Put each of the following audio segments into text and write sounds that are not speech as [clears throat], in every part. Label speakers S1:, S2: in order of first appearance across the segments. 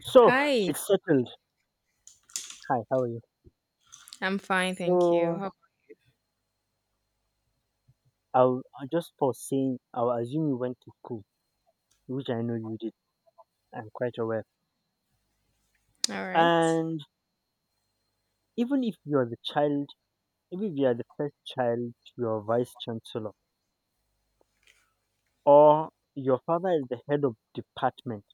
S1: So
S2: Hi,
S1: it's settled. Hi, how are you?
S2: I'm fine, thank you.
S1: So
S2: How-
S1: I'll just for saying, I'll assume you went to school, which I know you did. I'm quite aware.
S2: All right.
S1: And even if you are the child, even if you are the first child, your vice chancellor, or your father is the head of department,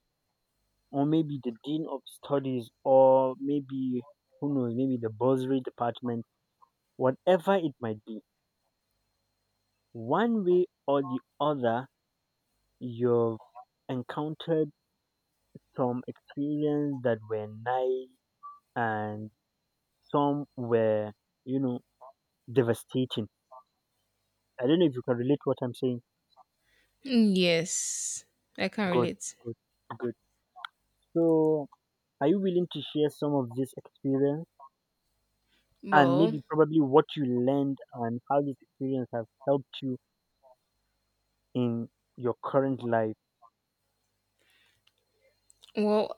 S1: or maybe the dean of studies, or maybe who knows, maybe the bursary department, whatever it might be, one way or the other, you've encountered some experience that were nice and some were, you know, devastating. I don't know if you can relate what I'm saying.
S2: Yes, I can
S1: Good,
S2: relate.
S1: good, good. So, are you willing to share some of this experience and
S2: Well,
S1: maybe probably what you learned and how this experience has helped you in your current life?
S2: well,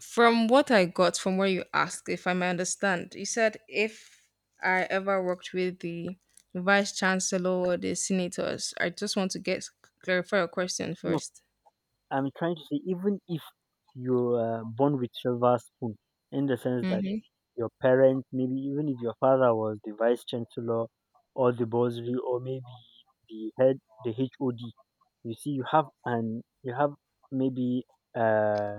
S2: from what I got, from where you asked, if I may understand, you said if I ever worked with the vice chancellor or the senators, I just want to get clarify your question
S1: No,
S2: first.
S1: I'm trying to say, even if you are born with silver spoon, in the sense that
S2: Mm-hmm.
S1: your parents, maybe even if your father was the vice chancellor or the bursary or maybe the head, the HOD, you see, you have maybe uh,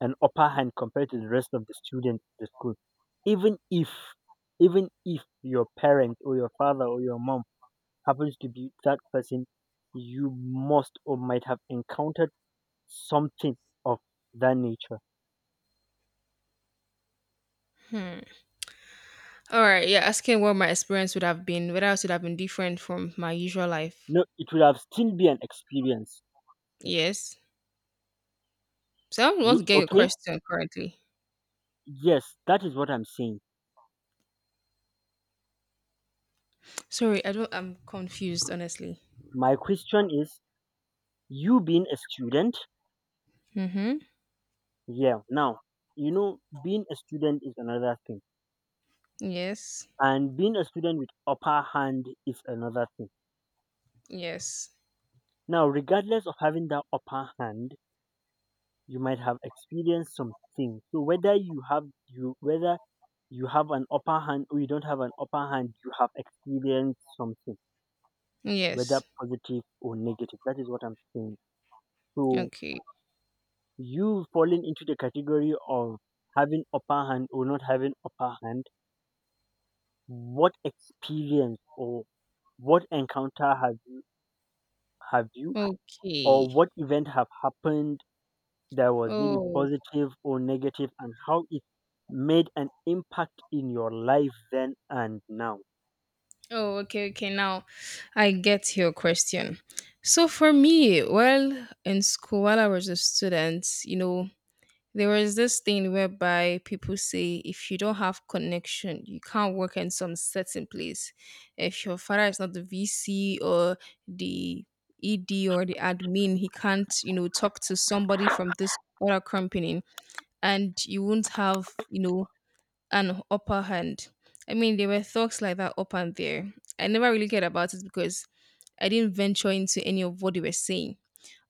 S1: an upper hand compared to the rest of the students at the school. Even if even if your parent or your father or your mom happens to be that person you must or might have encountered something of that nature.
S2: Hmm. All right. Yeah, asking what my experience would have been, whether it would have been different from my usual life.
S1: No, it would have still be an experience.
S2: Yes. So I want
S1: You
S2: to get your
S1: okay?
S2: question currently.
S1: Yes, that is what I'm saying.
S2: Sorry, I don't. I'm confused, honestly.
S1: My question is you being a student,
S2: Mm-hmm.
S1: yeah. Now, you know, being a student is another thing.
S2: Yes.
S1: And being a student with upper hand is another thing.
S2: Yes.
S1: Now, regardless of having that upper hand, you might have experienced something. So whether you have you whether you have an upper hand or you don't have an upper hand, you have experienced something, whether
S2: Yes.
S1: positive or negative. That is what I'm saying. So
S2: Okay.
S1: you falling into the category of having upper hand or not having upper hand, what experience or what encounter have you or
S2: Okay.
S1: what event have happened that was maybe
S2: Oh.
S1: positive or negative and how it made an impact in your life then and now?
S2: Oh. Okay. Okay. Now, I get your question. So for me, well, in school while I was a student, there was this thing whereby people say if you don't have connection, you can't work in some certain place. If your father is not the VC or the ED or the admin, he can't, talk to somebody from this other company and you won't have, an upper hand. I mean, there were thoughts like that up and there. I never really cared about it because I didn't venture into any of what they were saying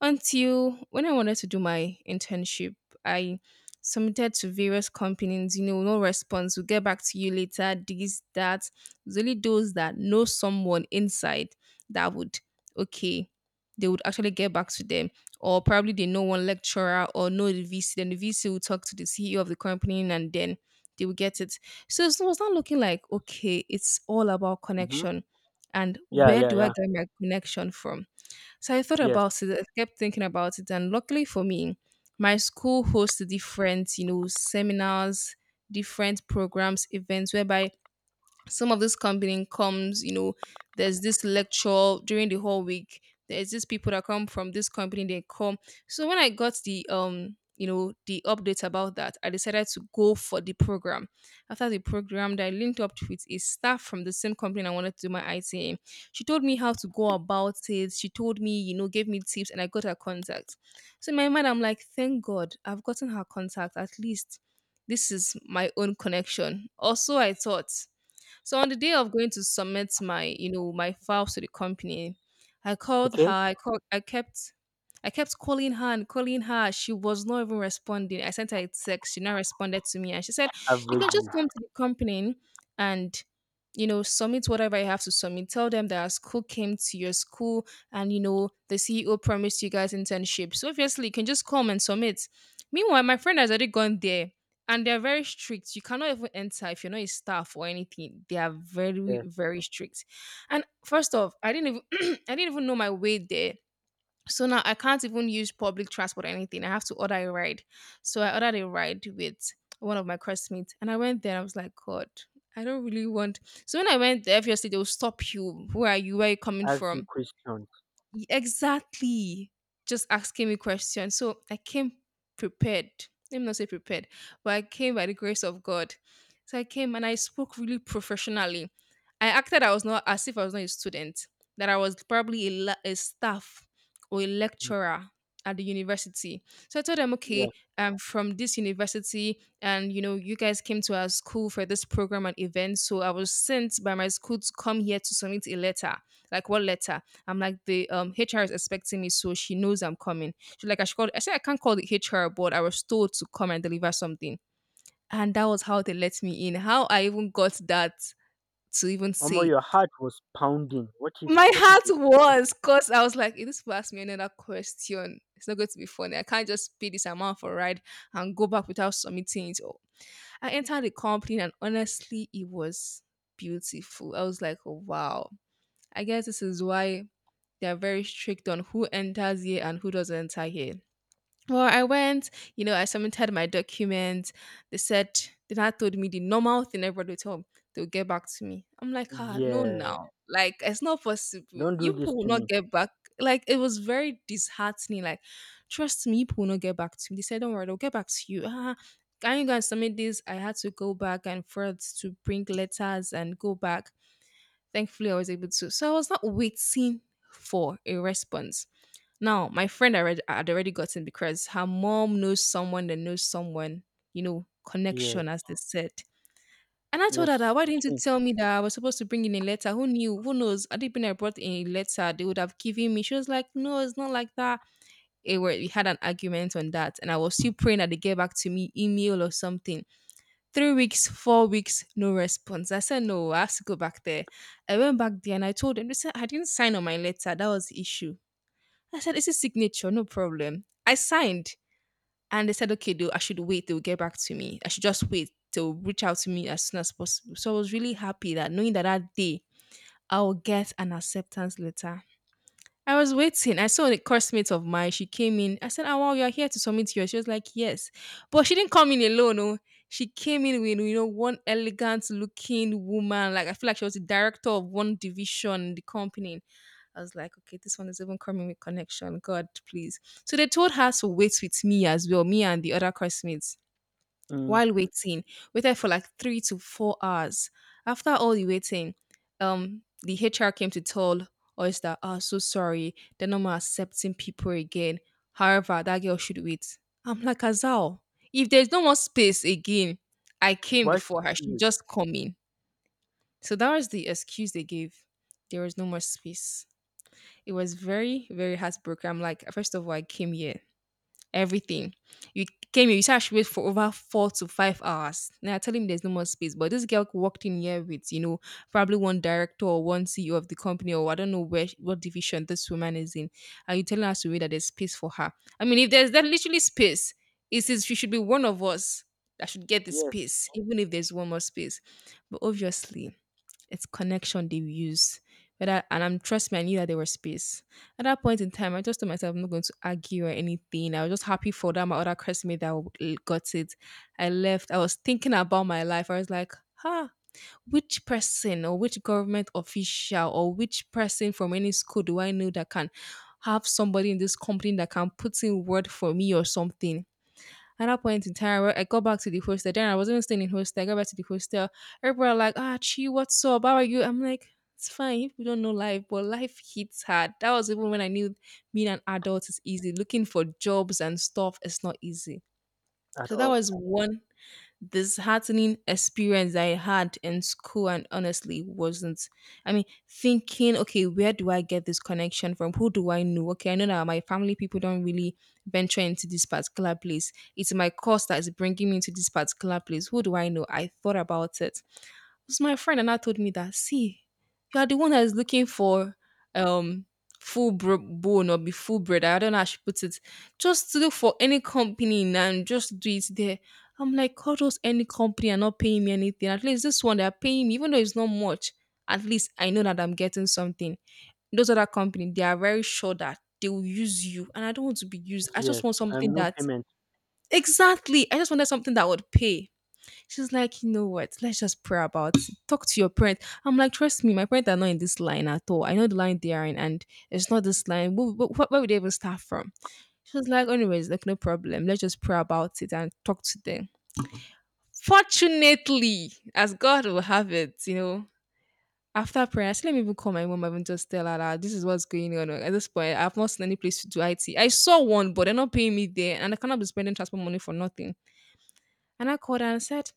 S2: until when I wanted to do my internship, I submitted to various companies, no response. We'll get back to you later. This, that. It's only those that know someone inside that would, okay, they would actually get back to them. Or probably they know one lecturer or know the VC. Then the VC will talk to the CEO of the company and then they will get it. So it was not looking like, okay, it's all about
S1: Hmm.
S2: connection. And
S1: Yeah,
S2: where
S1: yeah,
S2: do I
S1: yeah.
S2: get my connection from? So I thought
S1: Yes.
S2: about it. I kept thinking about it, and luckily for me, my school hosts different, seminars, different programs, events whereby some of this company comes, there's this lecture during the whole week. There's these people that come from this company, they come. So when I got the the update about that, I decided to go for the program. After the program that I linked up with a staff from the same company I wanted to do my IT in. She told me how to go about it. She told me, gave me tips and I got her contact. So in my mind, I'm like, thank God I've gotten her contact. At least this is my own connection. Also, I thought so on the day of going to submit my, my files to the company, I called her.
S1: Okay.
S2: I called. I kept calling her and calling her. She was not even responding. I sent her a text. She not responded to me, and she said, "You can
S1: Average.
S2: just come to the company and." You know, submit whatever I have to submit. Tell them that our school came to your school and, the CEO promised you guys internship. So, obviously, you can just come and submit. Meanwhile, my friend has already gone there and they're very strict. You cannot even enter if you're not a staff or anything. They are very,
S1: Yes.
S2: very strict. And first off, I didn't even [clears throat] I didn't even know my way there. So now I can't even use public transport or anything. I have to order a ride. So I ordered a ride with one of my classmates. And I went there and I was like, God, I don't really want. So when I went there, obviously they'll stop you. Where are you? Where are you coming
S1: Ask you
S2: from?
S1: questions.
S2: Y- Exactly. Just asking me questions. So I came prepared. Let me not say prepared, but I came by the grace of God. So I came and I spoke really professionally. I acted I was not as if I was not a student, that I was probably a, la- a staff or a lecturer at the university. So I told them,
S1: Yeah.
S2: okay, I'm from this university, and you know, you guys came to our school for this program and event. So I was sent by my school to come here to submit a letter. Like what letter? I'm like, the HR is expecting me, so she knows I'm coming. She's like, I should call I said I can't call the HR, but I was told to come and deliver something. And that was how they let me in. How I even got that to even
S1: Omo,
S2: say.
S1: your heart was pounding. What if
S2: My
S1: what if
S2: heart
S1: they,
S2: was because I was like, if this people ask me another question, it's not going to be funny. I can't just pay this amount for a ride and go back without submitting it. Oh, I entered the company and honestly, it was beautiful. I was like, oh, wow. I guess this is why they're very strict on who enters here and who doesn't enter here. Well, I went, I submitted my documents. They said, they now told me the normal thing everybody told me, they'll get back to me. I'm like, ah, no,
S1: yeah,
S2: now. Like, it's not possible.
S1: don't do
S2: You
S1: this
S2: people will
S1: to
S2: not
S1: me.
S2: get back. Like, it was very disheartening. Like, trust me, people will not get back to me. They said, don't worry, they'll get back to you. Ah, can you guys submit this? I had to go back and forth to bring letters and go back. Thankfully, I was able to. So I was not waiting for a response. Now, my friend already had already gotten because her mom knows someone that knows someone,
S1: Yes,
S2: connection, as they said. And I told
S1: yes,
S2: her that why didn't you
S1: okay.
S2: tell me that I was supposed to bring in a letter? Who knew? Who knows? I didn't bring I brought in a letter, they would have given me. She was like, no, it's not like that. It, we had an argument on that, and I was still praying that they get back to me email or something 3 weeks, 4 weeks, no response. I said, no, I have to go back there. I went back there and I told them, they said, I didn't sign on my letter. That was the issue. I said, it's a signature, no problem. I signed and they said, okay, though, I should wait. They will get back to me. I should just wait. They'll reach out to me as soon as possible. So I was really happy that knowing that that day I will get an acceptance letter. I was waiting. I saw a coursemate of mine. She came in. I said, oh, wow, you're here to submit yours. She was like, yes. But she didn't come in alone. Oh. She came in with, one elegant looking woman. Like, I feel like she was the director of one division in the company. I was like, okay, this one is even coming with connection. God, please. So they told her to wait with me as well, me and the other classmates
S1: Mm.
S2: while waiting. Waited for like 3 to 4 hours. After all the waiting, the HR came to tell us that, oh, so sorry, they're not more accepting people again. However, that girl should wait. I'm like, Azal, if there's no more space again, I came
S1: Why should
S2: before her.
S1: she
S2: She
S1: wait?
S2: just come in. So that was the excuse they gave. There was no more space. It was very, very heartbroken. I'm like, first of all, I came here everything. You came here, you said I should wait for over 4 to 5 hours. Now I tell him there's no more space. But this girl walked in here with, probably one director or one CEO of the company, or I don't know where what division this woman is in. Are you telling us to wait that there's space for her? I mean, if there's that literally space, it says she should be one of us that should get the
S1: Yes,
S2: space, even if there's one more space. But obviously, it's connection they use. Whether and I'm trust me, I knew that there was space. At that point in time, I just told myself I'm not going to argue or anything. I was just happy for that my other classmate that w- got it. I left. I was thinking about my life. I was like, huh, which person or which government official or which person from any school do I know that can have somebody in this company that can put in word for me or something? At that point in time, where I got back to the hostel. Then I wasn't even staying in hostel. I got back to the hostel. Everybody like, ah, Chi, what's up? How are you? I'm like, it's fine. You people don't know life, but life hits hard. That was even when I knew being an adult is easy. Looking for jobs and stuff is not easy.
S1: at
S2: So that
S1: all.
S2: was one disheartening experience that I had in school and honestly wasn't. I mean, thinking, okay, where do I get this connection from? Who do I know? Okay, I know that my family people don't really venture into this particular place. It's my course that is bringing me to this particular place. Who do I know? I thought about it was my friend and I told me that, see, you are the one that is looking for um full bone or be full bread. I don't know how she puts it. Just look for any company and just do it there. I'm like, call those any company and not paying me anything. At least this one they're paying me, even though it's not much. At least I know that I'm getting something. Those other company, they are very sure that they will use you, and I don't want to be used. I
S1: Yes.
S2: just want
S1: And
S2: something
S1: no
S2: that
S1: payment.
S2: exactly. I just wanted something that would pay. She's like, you know what? Let's just pray about it. Talk to your parents. I'm like, trust me, my parents are not in this line at all. I know the line they are in, and it's not this line. Where would they even start from? She was like, anyways, like, no problem. Let's just pray about it and talk to them. Fortunately, as God will have it, you know, after prayer, I said, let me even call my mom and just tell her that this is what's going on. At this point, I've not seen any place to do IT. I saw one, but they're not paying me there, and I cannot be spending transport money for nothing. And I called her and said,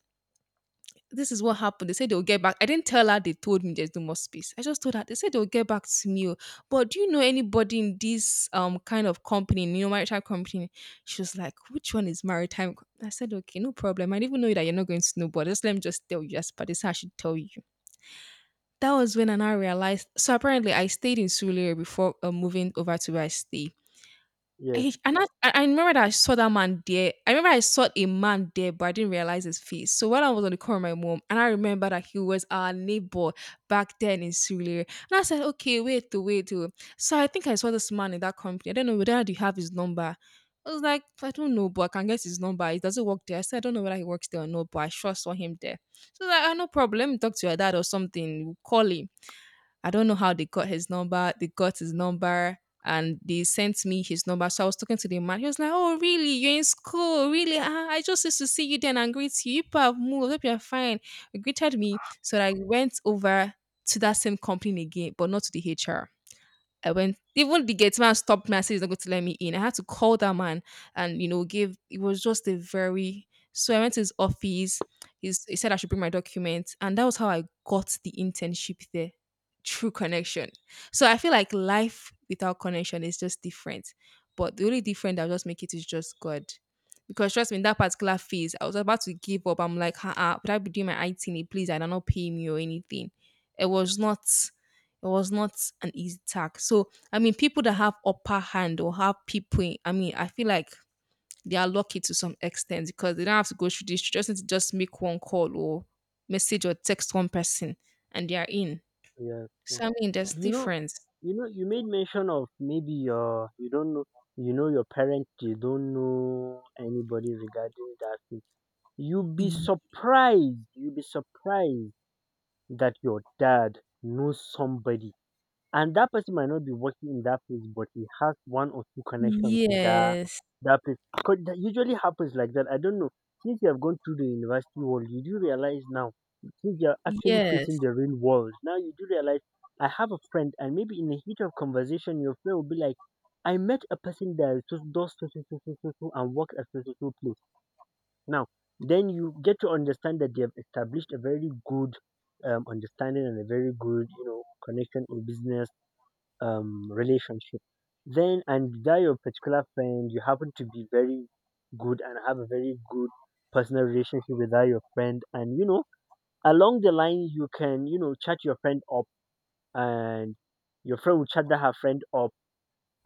S2: this is what happened. They said they'll get back. I didn't tell her they told me there's no more space. I just told her they said they'll get back to me. Oh. But do you know anybody in this kind of company, you know, maritime company? She was like, which one is maritime? I said, okay, no problem. I didn't even know that you're not going to snowboard. Just let me just tell you just but this is how I should tell you. That was when I now realized. So apparently I stayed in Surulere before moving over to where I stay.
S1: Yes,
S2: And I remember that I saw that man there. I remember I saw a man there, but I didn't realize his face. So when I was on the call with my mom, and I remember that he was our neighbor back then in Surrey, and I said, "Okay, wait to wait to." So I think I saw this man in that company. I don't know whether you have his number. I was like, I don't know, but I can get his number. He doesn't work there. I said, I don't know whether he works there or not, but I sure saw him there. So I was like, "Ah, no problem. Let me talk to your dad or something. We'll call him." I don't know how they got his number. They got his number and they sent me his number. So I was talking to the man. He was like, oh, really? You're in school? Really? Ah, I just used to see you then and greet you. You people have moved. Hope you're fine. He greeted me. So I went over to that same company again, but not to the HR. I went. Even the gate man stopped me and said he's not going to let me in. I had to call that man and you know give. It was just a very. So I went to his office. He said I should bring my documents, and that was how I got the internship there. True connection. So I feel like life without connection is just different. But the only different that will just make it is just God. Because trust me, in that particular phase, I was about to give up. I'm like, uh-uh, would I be doing my IT? Please, I don't know, pay me or anything. It was not. It was not an easy task. So, I mean, people that have upper hand or have people, I mean, I feel like they are lucky to some extent because they don't have to go through this. You just need to just make one call or message or text one person and they are in.
S1: yes, yes.
S2: So, I mean, there's
S1: You know
S2: difference.
S1: you know you made mention of maybe your you don't know, you know, your parents. You don't know anybody regarding that thing. You'd be
S2: Y-
S1: surprised. You'd be surprised that your dad knows somebody and that person might not be working in that place but he has one or two connections to
S2: Yes.
S1: that place, because that usually happens like that. I don't know, since you have gone through the university world, you do realize now, since you're actually
S2: Yes.
S1: facing the real world now, you do realize. I have a friend, and maybe in the heat of conversation, your friend will be like, I met a person that does so so so so so so so, and worked at so so so place. Now then you get to understand that they have established a very good, understanding, and a very good, you know, connection or business, relationship then, and that your particular friend, you happen to be very good and have a very good personal relationship with that your friend. And you know, along the line, you can, you know, chat your friend up, and your friend will chat that her friend up,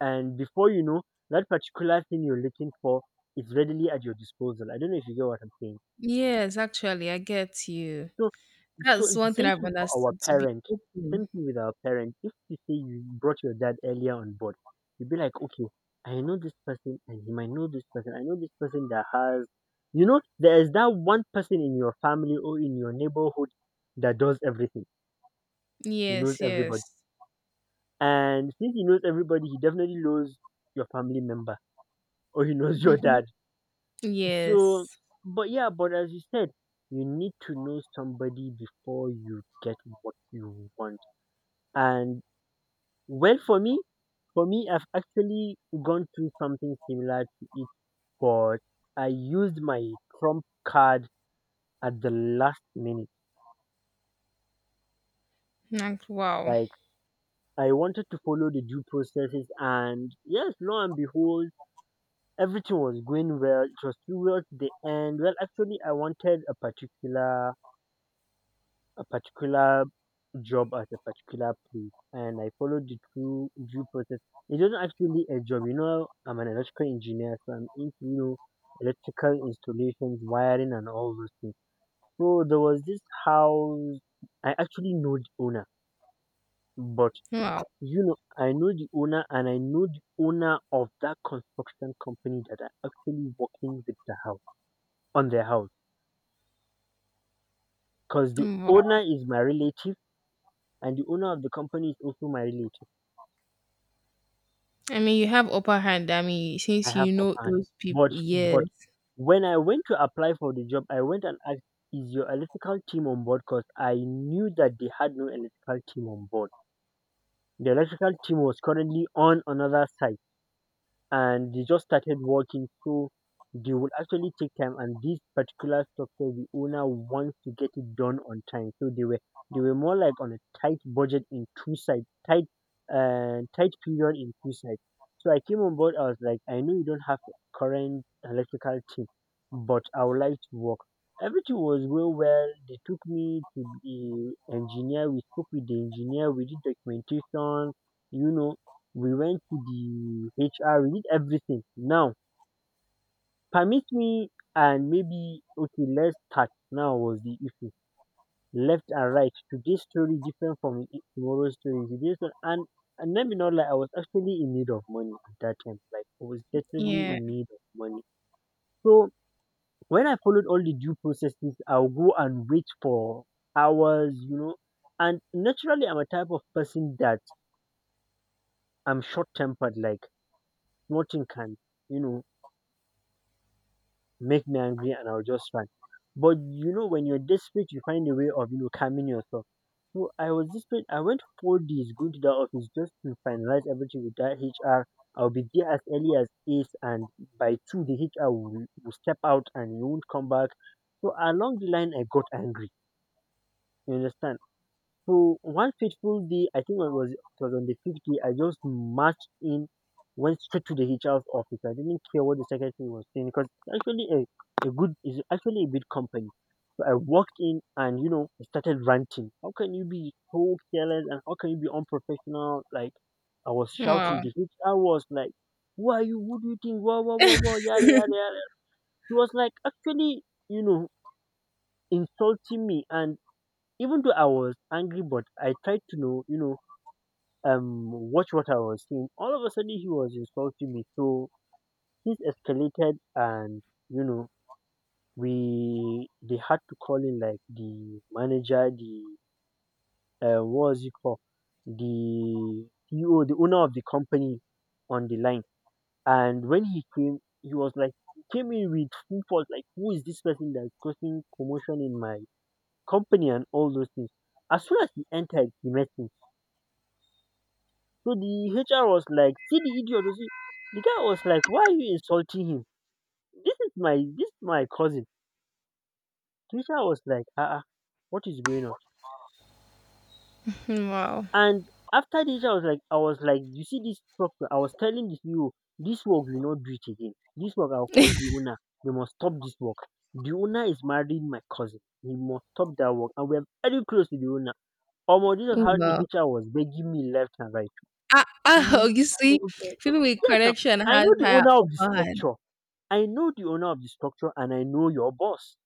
S1: and before you know, that particular thing you're looking for is readily at your disposal. I don't know if you get what I'm saying.
S2: Yes, actually, I get you.
S1: So so
S2: That's
S1: it's the
S2: one thing
S1: same
S2: I've
S1: thing for our
S2: understood to be
S1: parent. Same
S2: open.
S1: thing with our parent. If you say you brought your dad earlier on board, you'd be like, okay, I know this person and he might know this person. I know this person that has, you know, there is that one person in your family or in your neighborhood that does everything. He knows
S2: Yes, yes.
S1: everybody. And since he knows everybody, he definitely knows your family member, or he knows [laughs] your
S2: Hmm.
S1: dad. So,
S2: Yes.
S1: but yeah, but as you said, you need to know somebody before you get what you want. And well, for me, I've actually gone through something similar to it, but I used my trump card at the last minute.
S2: Like, wow.
S1: Like, I wanted to follow the due processes, and yes, lo and behold, everything was going well. It was towards the end. Well, actually, I wanted a particular job at a particular place, and I followed the due process. It wasn't actually a job. You know, I'm an electrical engineer, so I'm into, you know, electrical installations, wiring and all those things. So there was this house, I actually know the owner, but
S2: Wow.
S1: you know, I know the owner and I know the owner of that construction company that are actually working with the house on their house. Because the owner
S2: Wow.
S1: is my relative and the owner of the company is also my relative.
S2: I mean, you have upper hand. I mean,
S1: I
S2: since
S1: have
S2: you know
S1: upper hand.
S2: those people,
S1: But
S2: yes,
S1: but when I went to apply for the job, I went and asked, "Is your electrical team on board?" Because I knew that they had no electrical team on board. The electrical team was currently on another site and they just started working. So they will actually take time, and this particular structure, the owner wants to get it done on time. So they were more like on a tight budget in two sides, tight, tight period in two sides. So I came on board. I was like, I know you don't have a current electrical team, but I would like to work. Everything was going well. They took me to the engineer. We spoke with the engineer. We did documentation. You know, we went to the HR, we did everything. Now, permit me and maybe, okay, let's start. Now was the issue. Left and right. Today's story different from tomorrow's story. Today's one, and let me not lie, I was actually in need of money at that time. Like, I was definitely
S2: yeah.
S1: in need of money. So when I followed all the due processes, I'll go and wait for hours, you know. And naturally, I'm a type of person that I'm short tempered. Like, nothing can, you know, make me angry and I'll just rant. But you know, when you're desperate, you find a way of, you know, calming yourself. So I was desperate. I went 4 days going to the office just to finalize everything with that HR. I'll be there as early as eight, and by two the HR will step out and he won't come back. So along the line, I got angry. You understand? So one fateful day, I think it was on the fifth day, I just marched in, went straight to the HR's office. I didn't care what the secretary was saying, because it's actually a good is actually a big company. So I walked in, and you know, I started ranting. How can you be so careless and how can you be unprofessional? Like, I was shouting.
S2: Wow,
S1: The HR was like, "Who are you? Who do you think? Whoa, whoa, whoa, whoa! Yada yada yada." He was like actually, you know, insulting me. And even though I was angry, but I tried to know, you know, watch what I was saying. All of a sudden, he was insulting me. So things escalated, and you know, we they had to call in like the manager, the what was it called, the CEO, the owner of the company, on the line. And when he came, he was like, he came in with full force, like who is this person that's causing commotion in my company and all those things. As soon as he entered, he met me. So the HR was like, "See the idiot you see." The guy was like, "Why are you insulting him? This is my cousin." The HR was like, "Ah, ah, what is going on?"
S2: wow.
S1: And after, the HR was like, I was like, "You see this problem?" I was telling the CEO, "This work will not do it again. This work, I'll call the
S2: [laughs]
S1: owner. They must stop this work. The owner is marrying my cousin. He must stop that work, and we're very close to the owner." Omo, this is
S2: Oh,
S1: how the
S2: wow.
S1: HR was begging me left and right.
S2: Ah,
S1: Mm, mm,
S2: ah, you see,
S1: mm.
S2: people with
S1: Yes, now
S2: connection
S1: I
S2: has
S1: know the
S2: higher
S1: owner of the
S2: upper hand.
S1: structure. I know the owner of the structure and I know your boss.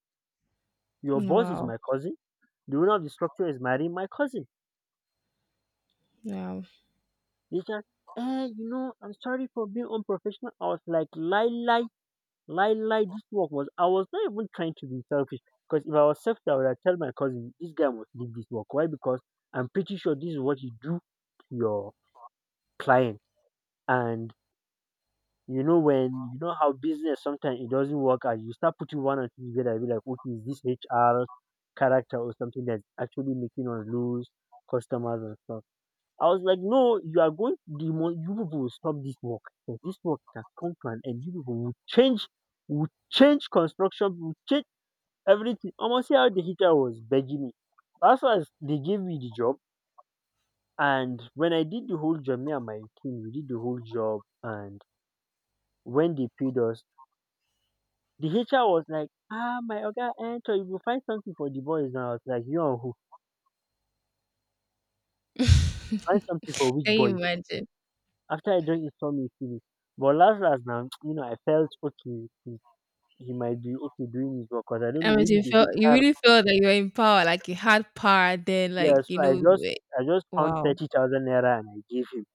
S1: Your boss is
S2: Wow,
S1: my cousin. The owner of the structure is marrying my cousin.
S2: wow.
S1: They said, eh, you know, I'm sorry for being unprofessional. I was like, lie, lie, lie, lie. This work was, I was not even trying to be selfish. Because if I was selfish, I would have tell my cousin, this guy must leave this work. Why? Because I'm pretty sure this is what you do to your client. And When you know how business sometimes it doesn't work out, you start putting one and two together, you be like, okay, is this HR character or something that's actually making us lose customers and stuff? I was like, no, you are going to demo- you people will stop this work. So this work can come to an end. You people will change construction, will change everything. Almost see how the heater was begging me. As far as they gave me the job and when I did the whole job, me and my team, we did the whole job and when they paid us, the HR was like, "Ah, my oga enter, you will find something for the boys now." I was like, "You and who? Find
S2: [laughs]
S1: something for which
S2: Can you
S1: boys?"
S2: imagine?
S1: After I don't insult me finish. But last last now, [tsk] I felt okay. He might be okay doing his work because I don't know.
S2: I mean,
S1: Maybe
S2: you
S1: the
S2: felt you
S1: HR.
S2: really felt that you were in power, like you had power. Then,
S1: Yeah,
S2: like you
S1: so I
S2: know,
S1: just
S2: you
S1: I just
S2: were-
S1: found
S2: wow,
S1: 30,000 naira and I gave him,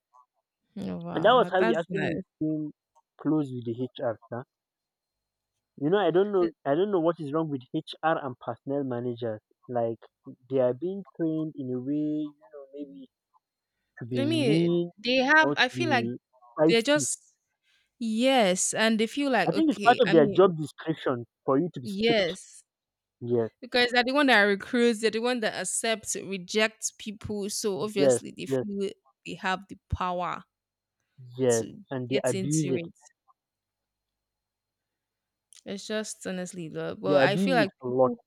S1: and that was
S2: wow,
S1: how we
S2: that's
S1: actually
S2: nice.
S1: became close with the HR, sir. You know, I don't know. I don't know what is wrong with HR and personnel managers. Like they are being trained in a way, maybe to be
S2: I mean,
S1: mean
S2: they have.
S1: or to
S2: I feel like
S1: be
S2: they're
S1: feisty.
S2: just yes, and they feel like
S1: I think it's part
S2: okay.
S1: of
S2: I
S1: their
S2: mean,
S1: job description for you to be strict.
S2: yes,
S1: Yes,
S2: because they're the one that recruits, they're the one that accepts, rejects people. So
S1: yes,
S2: obviously they
S1: yes,
S2: feel they have the power
S1: yes.
S2: to
S1: And they
S2: get
S1: abuse
S2: into
S1: it.
S2: it. It's just honestly the
S1: They
S2: but I feel
S1: abuse it
S2: like
S1: a lot.
S2: people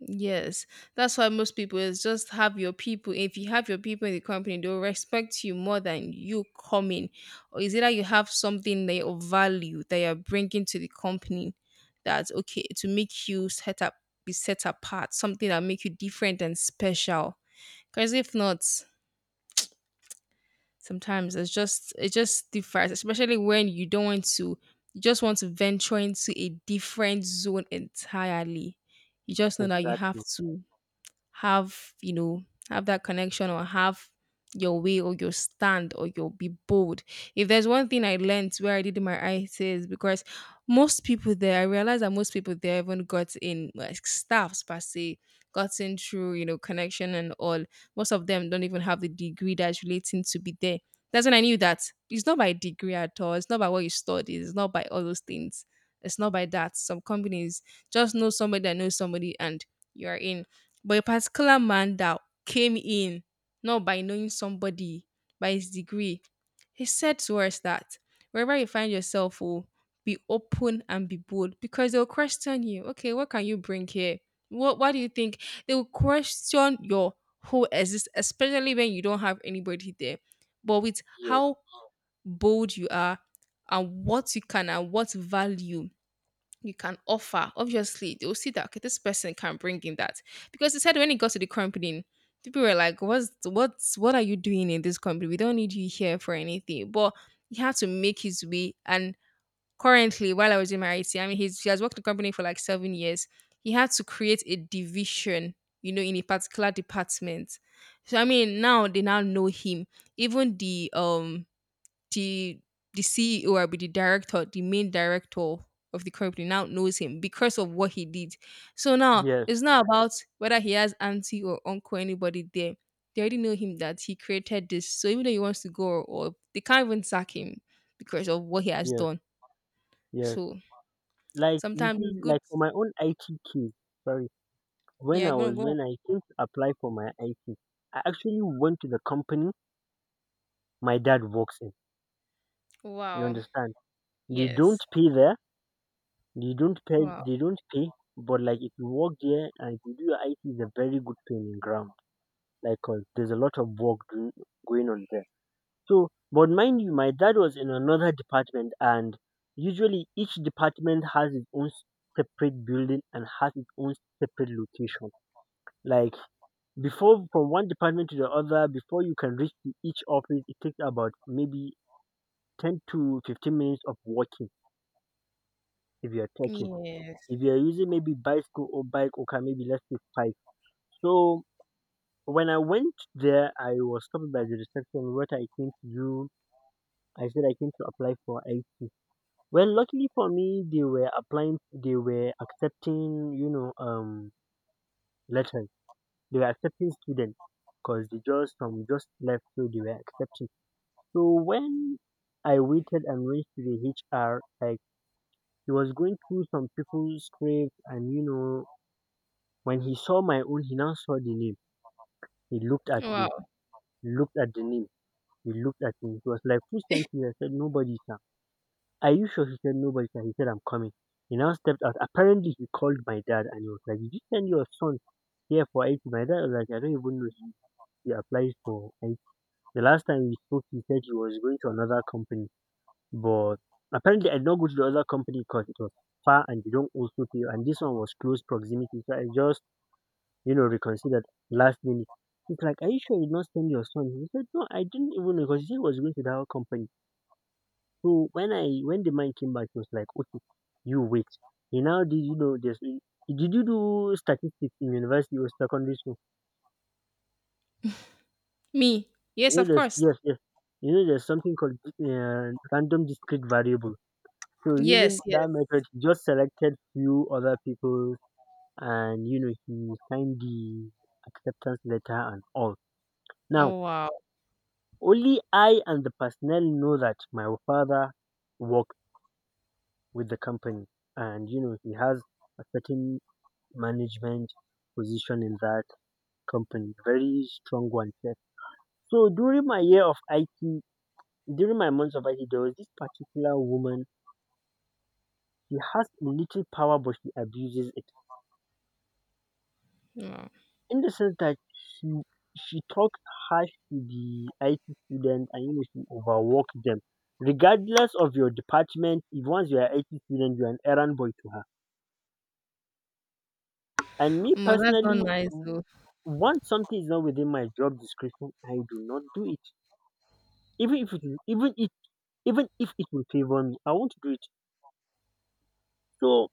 S2: yes. That's why most people is just have your people. If you have your people in the company, they'll respect you more than you coming. Or is it that you have something that of value that you're bringing to the company that's okay to make you set up be set apart, something that make you different and special. Because if not, sometimes it's just it just differs, especially when you don't want to you just want to venture into a different zone entirely. You just know that you have
S1: Exactly.
S2: to have you know have that connection or have your way or your stand or you'll be bold if there's one thing I learned where I did my ICs because most people there I realized that most people there haven't got in like staffs per se gotten through you know connection and all. Most of them don't even have the degree that's relating to be there. That's when I knew that it's not by degree at all. It's not by what you studied. It's not by all those things. It's not by that. Some companies just know somebody that knows somebody and you are in. But a particular man that came in, not by knowing somebody, by his degree, he said to us that wherever you find yourself, oh, be open and be bold because they'll question you. Okay, what can you bring here? What do you think? They will question your whole existence, especially when you don't have anybody there. But with
S1: Yes,
S2: how bold you are and what you can and what value you can offer, obviously they will see that okay, this person can bring in that. Because he said when he got to the company, people were like, what are you doing in this company? We don't need you here for anything. But he had to make his way and currently while I was in my IT, I mean he has worked in the company for like 7 years. He had to create a division, you know, in a particular department. So I mean now they now know him. Even the the the CEO or be the director, the main director of the company now knows him because of what he did. So now
S1: yes,
S2: it's not about whether he has auntie or uncle, anybody there. They already know him that he created this. So even though he wants to go or they can't even sack him because of what he has
S1: yes,
S2: done.
S1: yes.
S2: So
S1: Like you
S2: sometimes it's
S1: see,
S2: good.
S1: like for my own IT case, sorry, when
S2: Yeah,
S1: I
S2: gonna
S1: was
S2: go.
S1: when I came to apply for my IT, I actually went to the company my dad works in. You
S2: Wow.
S1: understand? They don't
S2: Yes.
S1: pay there. They don't pay
S2: Wow.
S1: they don't pay, but like if you work there and if you do your IT it's a very good training ground. Like 'cause there's a lot of work going on there. So but mind you my dad was in another department and usually each department has its own separate building and has its own separate location. Like before from one department to the other, before you can reach to each office it takes about maybe 10 to 15 minutes of walking if you're taking.
S2: Yes.
S1: If you're using maybe bicycle or bike, okay, maybe let's say five. So when I went there, I was stopped by the reception. What I came to do, I said I came to apply for IT. Well, luckily for me, they were accepting, letters. They were accepting students because they just some just left, so they were accepting. So when I waited and went to the HR, like he was going through some people's scripts, and when he saw my own, he now saw the name. He looked at me,
S2: Wow.
S1: looked at the name, he looked at me. He was like, "Who sent you?" I said, "Nobody, sir." "Are you sure?" He said, "Nobody, sir." He said, "I'm coming." He now stepped out. Apparently, he called my dad and he was like, "Did you send your son here for IT?" My dad was like, "I don't even know he applies for IT. The last time we spoke, he said he was going to another company," but apparently, I did not go to the other company because it was far and they don't also pay. And this one was close proximity. So I just reconsidered last minute. He's like, "Are you sure you did not send your son?" He said, "No, I didn't even know because he was going to that company." So when the man came back, he was like, "Okay, you wait." He now did you know this did you do statistics in university or secondary school?
S2: Me.
S1: You
S2: Yes,
S1: know
S2: of
S1: there's
S2: course.
S1: yes, yes. You know there's something called random discrete variable. So
S2: Yes,
S1: using
S2: yes.
S1: that method, he just selected few other people and he signed the acceptance letter and all. Now
S2: Oh, wow.
S1: only I and the personnel know that my father worked with the company and he has a certain management position in that company, very strong one sef. So during my year of IT, during my months of IT, there was this particular woman. She has a little power, but she abuses it,
S2: Wow.
S1: in the sense that she talks harsh to the IT students and she overworked them. Regardless of your department, if once you are IT student, you are an errand boy to her. And me
S2: Well, that's not
S1: personally,
S2: nice
S1: w-
S2: though.
S1: once something is not within my job description, I do not do it. Even if it is- even if Even if it will favor me, I won't do it. So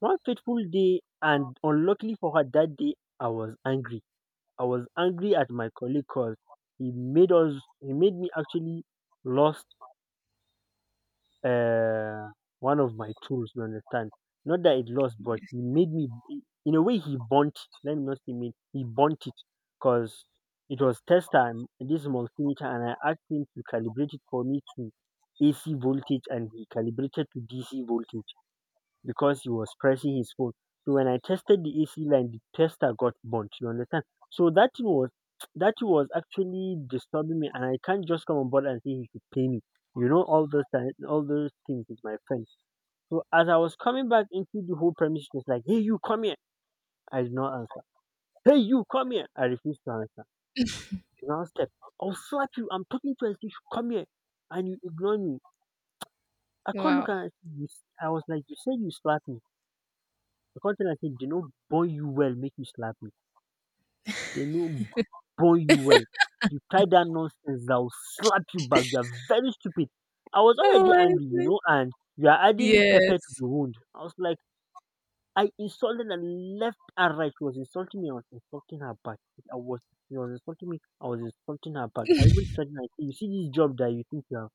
S1: one fateful day, and unluckily for her that day, I was angry. I was angry at my colleague cause he made me actually lost Uh, one of my tools, you understand. Not that it lost but he made me, in a way he burnt it. Let me not say made, he burnt it cause it was test time this multimeter and I asked him to calibrate it for me to AC voltage and he calibrated to DC voltage because he was pressing his phone. So when I tested the AC line, the tester got burnt. You understand? So that thing was [tsk] that thing was actually disturbing me, and I can't just come on board and say he should pay me. All those things with my friend. So as I was coming back into the whole premise, she was like, "Hey, you come here." I did not answer. "Hey, you come here." I refused to answer. She now stepped. "I'll slap you. I'm talking to her. You should come here, and you ignore me. I can't look at
S2: Wow.
S1: her." I was like, "You said you slapped me." The say I say they no born you well make you slap me, they no born you well. If you try that nonsense I will slap you back, you are very stupid. I was
S2: Oh
S1: already
S2: my
S1: angry
S2: god.
S1: and you are adding pepper to
S2: Yes.
S1: the wound. I was like I insulted her left and right. She was insulting me, I was insulting her back. I was she was insulting me, I was insulting her back. I even threatened. Ten her say you see this job that you think you have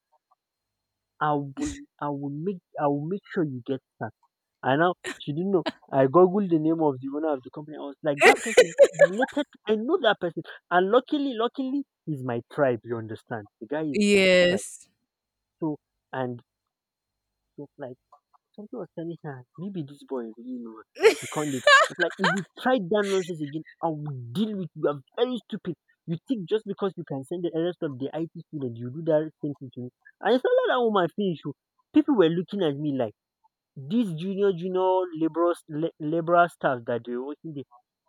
S1: I will I will make sure you get sacked. I now she didn't know. I googled the name of the owner of the company. I was like, that person is related. I know that person, and luckily, he's my tribe. You understand? The guy is my tribe.
S2: Yes.
S1: So, and she was like, something was telling her, maybe this boy, really know, you
S2: [laughs]
S1: can't. It's like if you try that nonsense again, I will deal with you. You are very stupid. You think just because you can send the rest of the IT student, you do that same thing to me? And it's not like that woman finish, oh. People were looking at me like. These junior laborers liberal staff that they were working there,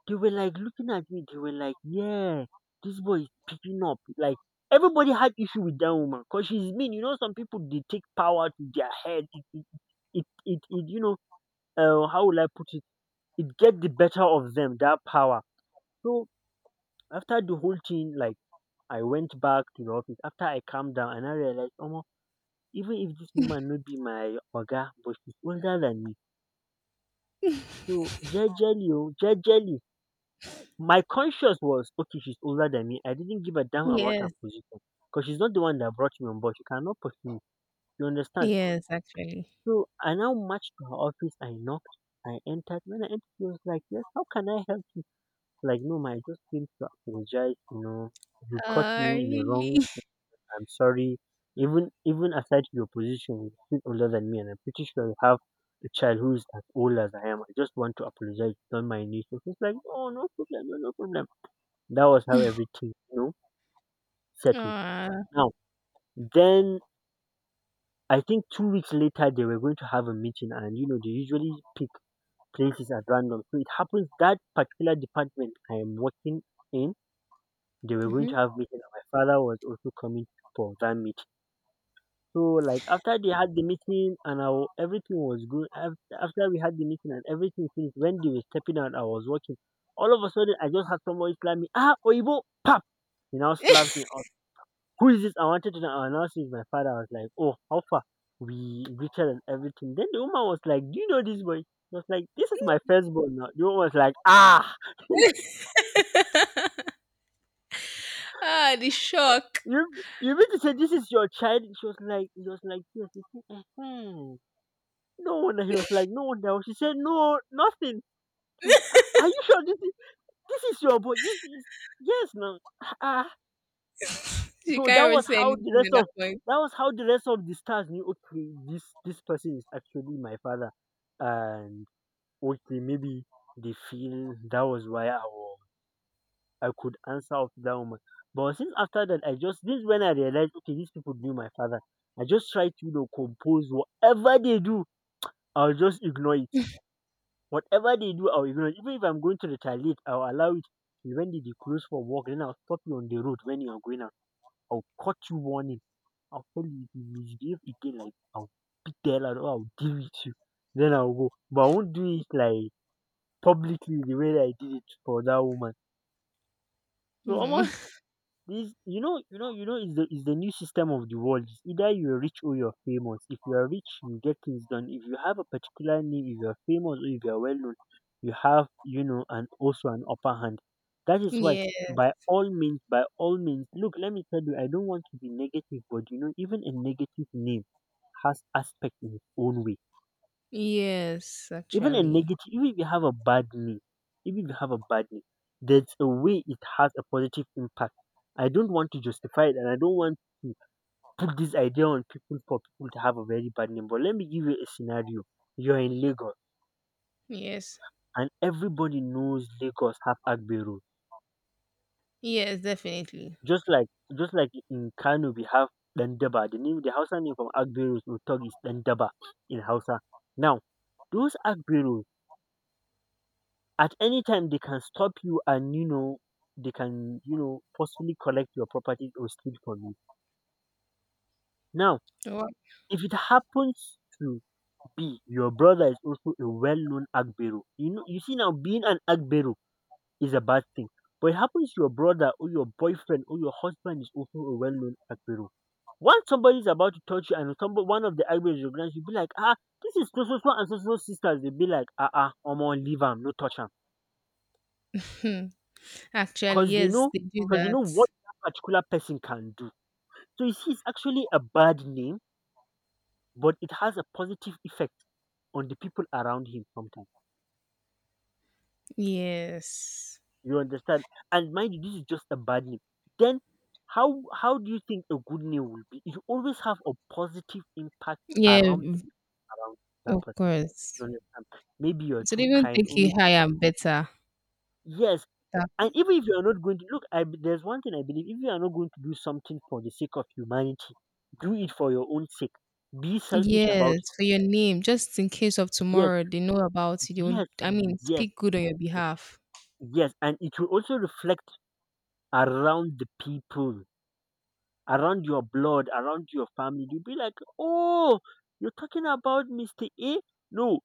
S1: they were like looking at me. They were like, "Yeah, this boy is picking up." Like everybody had issue with that woman because she's mean. You know, some people they take power to their head. It how will I put it? It get the better of them, that power. So after the whole thing, like I went back to the office after I calmed down and I realized, oh, even if this woman not be my oga, but she's older than me. So jejely oh, jejely. My conscience was okay, she's older than me. I didn't give a damn about her
S2: Yes,
S1: position because she's not the one that brought me on board. She cannot pursue me. You understand?
S2: yes, actually.
S1: So I now marched to her office. I knocked. I entered. When I entered, she was like, "Yes, how can I help you?" Like, "No, ma, I just came to apologize. You know, you caught
S2: Ah,
S1: me in the
S2: really?
S1: wrong, I'm sorry. Even aside to your position, you're still older than me, and I'm pretty sure you have a child who's as old as I am. I just want to apologize. Don't mind me." So he's like, "Oh, no problem, no problem." That was how
S2: [laughs]
S1: everything, settled.
S2: Uh,
S1: Now, then I think 2 weeks later they were going to have a meeting, and they usually pick places at random. So it happens that particular department I am working in, they were going to
S2: mhm.
S1: have meeting, and my father was also coming for that meeting. So like after they had the meeting and everything was good. After we had the meeting and everything finished, when they were stepping out, I was watching. All of a sudden, I just had somebody slap me. Ah, Oibo, pop! He now slapped me. Out. Who is this? I wanted to know. I now see it's my father. I was like, oh, how far? We greeted and everything. Then the woman was like, do you know this boy? I was like, this is my firstborn now. The woman was like, ah,
S2: Ah, the shock.
S1: you you mean to say this is your child? She was like, yes. It's me. No, and he was like, no, no. She said, no, nothing. Ah, are you sure this is your boy? Yes, yes, yes, no. Ah,
S2: [laughs] She
S1: so that
S2: can't even
S1: was
S2: say
S1: how the
S2: anything
S1: rest
S2: at that
S1: of
S2: point.
S1: that was how the rest of the stars knew. Okay, this person is actually my father, and okay, maybe they feel that was why I could answer of that woman. But since after that, I just this is when I realized, okay, these people knew my father. I just try to compose whatever they do. I'll just ignore it. Whatever they do, I'll ignore it. Even if I'm going to retaliate, I'll allow it when they close for work. Then I'll stop you on the road when you're going out. I'll cut you warning. I'll tell you if you misbehave again, like I'll beat the hell out or I'll deal with you. Then I'll go. But I won't do it like publicly the way that I did it for that woman. So
S2: Mm.
S1: almost
S2: [laughs]
S1: this, is the new system of the world. It's either you're rich or you're famous. If you are rich, you get things done. If you have a particular name, if you are famous or if you are well known, you have, and also an upper hand. That is why,
S2: Yes,
S1: by all means, look. Let me tell you, I don't want to be negative, but even a negative name has aspect in its own way.
S2: yes,
S1: even a
S2: actually.
S1: negative even if you have a bad knee Even if you have a bad knee, there's a way it has a positive impact. I don't want to justify it, and I don't want to put this idea on people for people to have a very bad name. But let me give you a scenario. You're in Lagos,
S2: Yes,
S1: and everybody knows Lagos have Agbe road.
S2: yes, definitely.
S1: Just like just like in Kano, we have Dandaba. The Hausa name from Agbe road is Utog, is Dandaba in Hausa. Now, those agbe, at any time they can stop you, and they can, forcefully collect your property or steal from you. Now,
S2: Wha-
S1: if it happens to be your brother is also a well-known agbero, you see, now being an agbero is a bad thing. But it happens to your brother or your boyfriend or your husband is also a well-known agbero. Once somebody is about to touch you, and somebody, one of the agberos recognize you, be like, ah, this is so so so and so so so, sisters, they be like, ah ah, omo leave am, no touch am.
S2: hmm, actually,
S1: 'Cause they
S2: yes,
S1: know,
S2: they do
S1: cause they
S2: that.
S1: know what that particular person can do. So you see, it's actually a bad name, but it has a positive effect on the people around him sometimes.
S2: Yes.
S1: You understand? And mind you, this is just a bad name. Then how do you think a good name will be? It will always have a positive impact
S2: Yeah,
S1: around the around that
S2: of
S1: person. You
S2: course.
S1: understand? Maybe you're
S2: So they
S1: too
S2: even
S1: kind,
S2: think
S1: or
S2: you
S1: maybe.
S2: higher and better.
S1: Yes.
S2: That,
S1: And even if you are not going to look, there's one thing I believe: if you are not going to do something for the sake of humanity, do it for your own sake. Be selfish about
S2: yes,
S1: it.
S2: for your name, just in case of
S1: Yes,
S2: tomorrow, they know about you. They won't,
S1: yes,
S2: I mean,
S1: yes,
S2: speak good on your
S1: yes,
S2: behalf.
S1: yes, and it will also reflect around the people, around your blood, around your family. You'll be like, oh, you're talking about Mister A. No,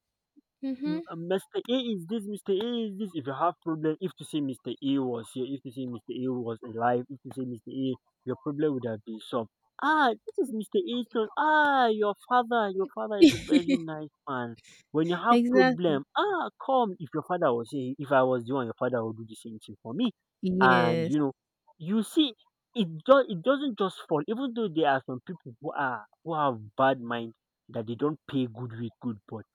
S2: Mm-hmm.
S1: Mr. A is this, Mr. A is this. If you have problem, if to say Mr. A was here, if to say Mr. A was alive, if to say Mr. A, your problem would have been solved. Ah, this is Mr. A's son. Ah, your father is a very
S2: [laughs]
S1: nice man. When you have
S2: Exactly.
S1: problem, ah, come. If your father was here, if I was the one, your father would do the same thing for me. And
S2: Yes.
S1: you see, it doesn't just fall. Even though there are some people who have bad mind that they don't pay good with good, but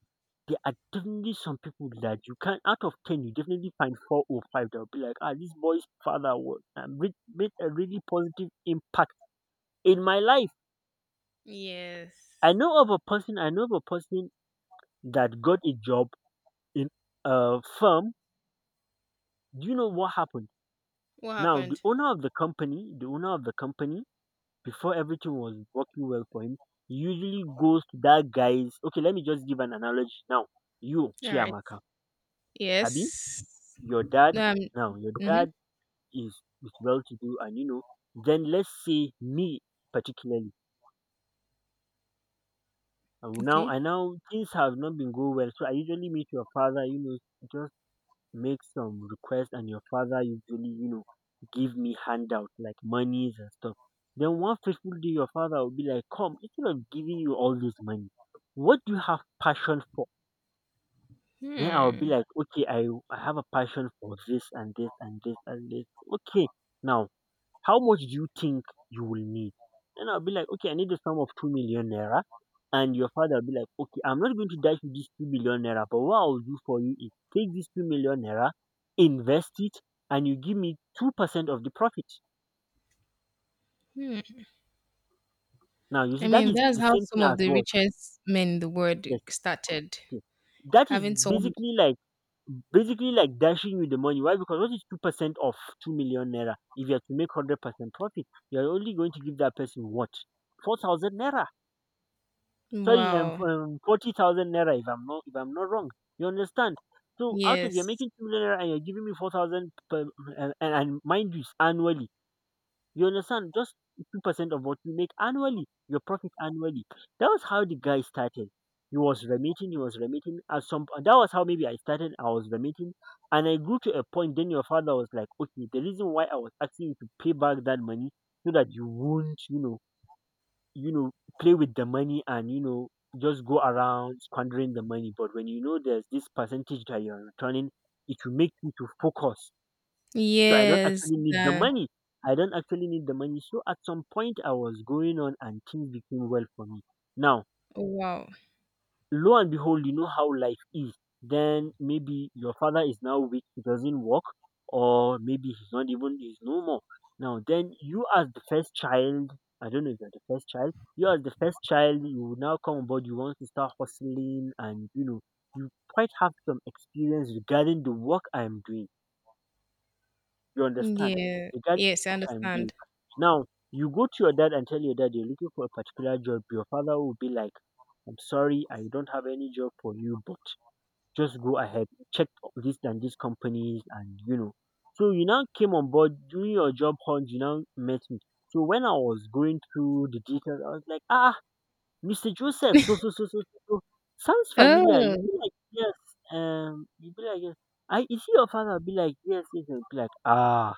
S1: there are definitely some people that you can, out of 10, you definitely find four or five that will be like, ah, this boy's father was, made a really positive impact in my life.
S2: Yes.
S1: I know of a person that got a job in a firm. Do you know what happened?
S2: What
S1: Now,
S2: happened?
S1: the owner of the company, before everything was working well for him, usually goes to that guy's. Okay, let me just give an analogy now. You,
S2: All right.
S1: Chiamaka, Abi,
S2: Yes.
S1: your dad,
S2: Um.
S1: now your
S2: Mhm.
S1: dad is is well to do, and then let's say me particularly, and now
S2: Okay.
S1: and now things have not been going well. So I usually meet your father, just make some request, and your father usually, give me handout like monies and stuff. Then one fateful day your father will be like, come, instead of giving you all this money, what do you have passion for? Then I'll be
S2: Hmm.
S1: like, okay, I have a passion for this and this and this and this. Okay, now, how much do you think you will need? Then I'll be like, okay, I need the sum of 2 million naira. And your father will be like, okay, I'm not going to dash you this 2 million naira, but what I'll do for you is take this 2 million naira, invest it, and you give me 2% of the profit.
S2: Hmm.
S1: Now, you see,
S2: I
S1: that
S2: mean,
S1: is
S2: that's
S1: the
S2: how
S1: same thing
S2: some of
S1: as
S2: the
S1: what?
S2: richest men in the world
S1: Yes.
S2: started
S1: Okay. That is
S2: having so.
S1: basically like dashing you the money. Why? Because what is 2% of 2 million naira? If you are to make 100% profit, you are only going to give that person what? 4,000 naira. Sorry,
S2: Wow.
S1: 40,000 naira. If I'm not wrong, you understand. So out of you're
S2: Yes.
S1: making 2 million naira and you're giving me 4,000 per, and mind you, it's annually. You understand? Just 2% of what you make annually, your profit annually. That was how the guy started. He was remitting. And that was how maybe I started. I was remitting, and I grew to a point. Then your father was like, okay, the reason why I was asking you to pay back that money, so that you won't, you know play with the money, and just go around squandering the money. But when, there's this percentage that you're returning, it will make you to focus. so i don't
S2: Yes.
S1: actually need the
S2: Then.
S1: money I don't actually need the money. So at some point I was going on and things became well for me now.
S2: Wow.
S1: Lo and behold, you know how life is. Then maybe your father is now weak, he doesn't work, or maybe he's not even he's no more. Now, then you as the first child, I don't know if you're the first child, you as the first child you will now come on board. You want to start hustling, and you quite have some experience regarding the work I'm doing. You understand?
S2: Yeah.
S1: Regarding
S2: Yes, I
S1: work I'm doing.
S2: understand.
S1: Now, you go to your dad and tell your dad you're looking for a particular job. Your father will be like, I'm sorry, I don't have any job for you, but just go ahead, check this and these companies, and you know. So you now came on board during your job hunt. You now met me. So when I was going through the details, I was like, ah, Mr. Joseph, so so so so so, so. Sounds familiar. You
S2: Oh,
S1: be like, yes. You be like, yes. I is he your father? I'll be like, yes, yes. I'll be like, ah,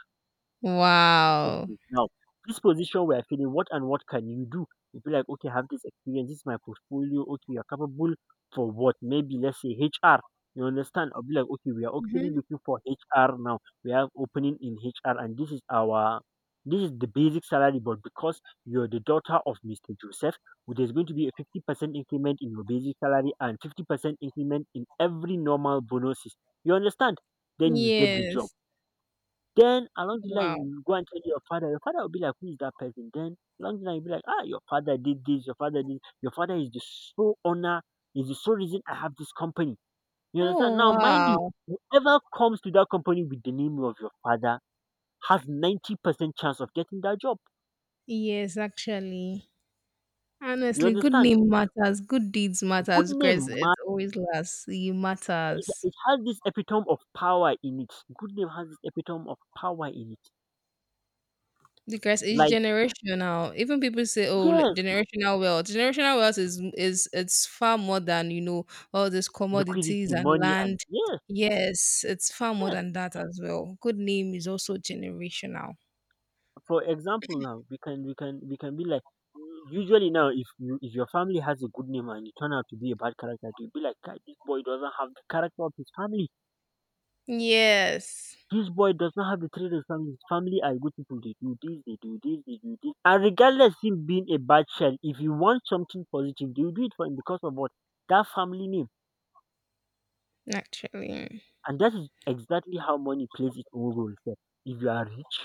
S2: wow.
S1: okay, now this position we are feeling, what and what can you do? You feel like, okay, I have this experience, this is my portfolio. Okay, you're capable for what? Maybe let's say HR. You understand? I'll be like, okay, we are actually
S2: Hmm.
S1: looking for HR now. We have opening in HR and this is the basic salary, but because you're the daughter of Mr. Joseph, well, there's going to be a 50% increment in your basic salary and 50% increment in every normal bonuses. You understand? Then you get the job.
S2: Yes.
S1: Then along the line
S2: Wow.
S1: you go and tell your father will be like, "Who is that person?" Then along the line you'll be like, "Ah, your father did this, your father is the sole owner, is the sole reason I have this company." You understand?
S2: Oh,
S1: Now mind you,
S2: wow.
S1: whoever comes to that company with the name of your father has 90% chance of getting that job.
S2: Yes, actually.
S1: You
S2: Honestly, good
S1: understand?
S2: name matters. Good deeds
S1: A good
S2: matters. Grace,
S1: name
S2: it
S1: man.
S2: always lasts. It
S1: it
S2: matters.
S1: it has this epitome of power in it. Good name has this epitome of power in it.
S2: Because it's
S1: Like
S2: generational. Even people say, "Oh, like,
S1: yes,
S2: generational wealth." Generational wealth is it's far more than all these commodities
S1: liquidity,
S2: and
S1: money, and
S2: land.
S1: yes,
S2: Yes, it's far more
S1: yes.
S2: than that as well. Good name is also generational.
S1: For example, now we can be like, usually now, if you if your family has a good name and you turn out to be a bad character, you will be like, "Kai, this boy doesn't have the character of his family,
S2: Yes,
S1: this boy does not have the trait of his family. His family are good people, they do this, they do this, they do this, and regardless him being a bad child, if you want something positive, they will do it for him because of what? That family name."
S2: actually,
S1: And that is exactly how money plays its own role here. If you are rich,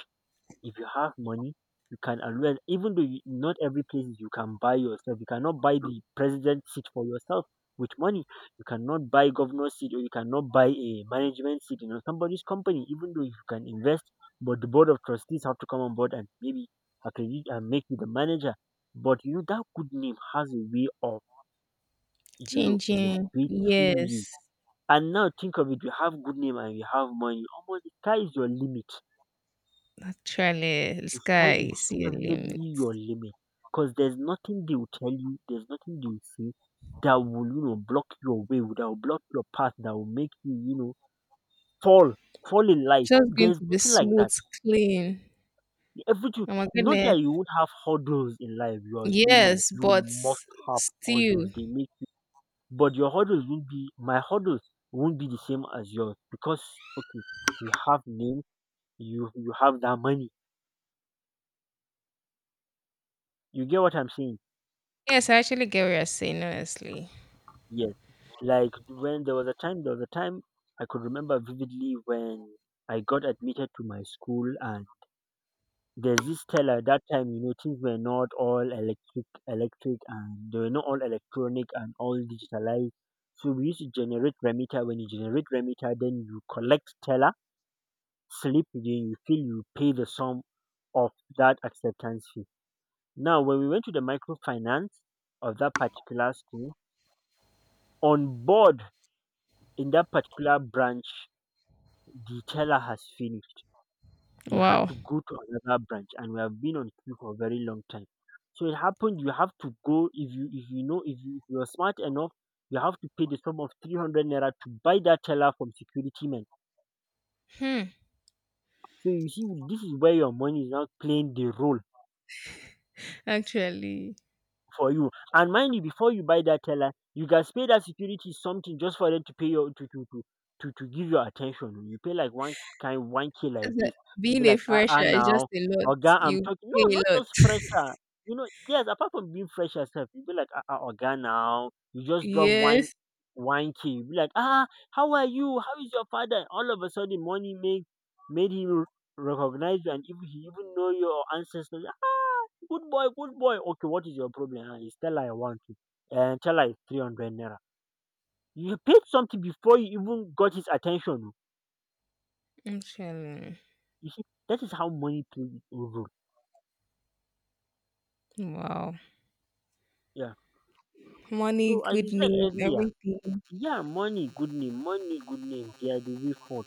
S1: if you have money, you can always, even though you, not every place you can buy yourself. You cannot buy the president seat for yourself with money. You cannot buy governor seat or you cannot buy a management seat in somebody's company, even though you can invest, but the board of trustees have to come on board and maybe accredit and make you the manager. But you know that good name has a way of, you know,
S2: changing.
S1: elevating you.
S2: Yes,
S1: And now think of it, you have good name and you have money, almost the sky is your limit.
S2: actually, the
S1: The sky
S2: sky
S1: is
S2: is your limit.
S1: definitely your limit, because there's nothing they will tell you, there's nothing they will say that will, you know, block your way, that will block your path, that will make you, you know, fall, fall in life.
S2: Just going
S1: There's
S2: to be
S1: nothing like
S2: smooth,
S1: that.
S2: clean.
S1: Everything.
S2: Oh my
S1: Not
S2: goodness.
S1: that you won't have hurdles in life. You are human.
S2: Yes,
S1: You
S2: but
S1: must have
S2: still.
S1: hurdles. They make you, but your hurdles won't be my hurdles won't be the same as yours, because okay, you have name, you have that money. You get what I'm saying?
S2: Yes, I actually get what you're saying, honestly.
S1: Yes. Like, when there was a time I could remember vividly when I got admitted to my school, and there's this teller that time. You know, things were not all electric, and they were not all electronic and all digitalized. So we used to generate remita. When you generate remita, then you collect teller, slip it in, you feel you pay the sum of that acceptance fee. Now when we went to the microfinance of that particular school, on board in that particular branch, the teller has finished. They had
S2: Wow.
S1: to go to another branch, and we have been on queue for a very long time. So it happened, you have to go. If you if you know if you if you're smart enough, you have to pay the sum of 300 naira to buy that teller from security men.
S2: Hmm.
S1: So you see, this is where your money is now playing the role
S2: Actually,
S1: for you. And mind you, before you buy that teller, you guys pay that security something just for them to pay your to give your attention. You pay like one kind, one k,
S2: as
S1: like this.
S2: a-
S1: You be
S2: being a
S1: like, ah
S2: fresher is just
S1: now,
S2: a lot.
S1: Oga, I'm
S2: You
S1: talking.
S2: pay
S1: No, not
S2: a lot.
S1: just fresher. You know, yes. Apart from being fresh yourself, you be like, ah ah, Oga now. You just drop one
S2: Yes.
S1: one k. You be like, ah, how are you? How is your father? All of a sudden, money make made him recognize you, and even he even know your ancestors. Ah, good boy, good boy. Okay, what is your problem? And he's tell her, I want to. And tell her it's 300 naira. You paid something before you even got his attention. Oh.
S2: Actually,
S1: You see, that is how money plays its own role.
S2: wow.
S1: Yeah.
S2: Money,
S1: So, as you
S2: good
S1: said
S2: name,
S1: earlier,
S2: everything.
S1: yeah, money, good name, money, good name. They are the way forward.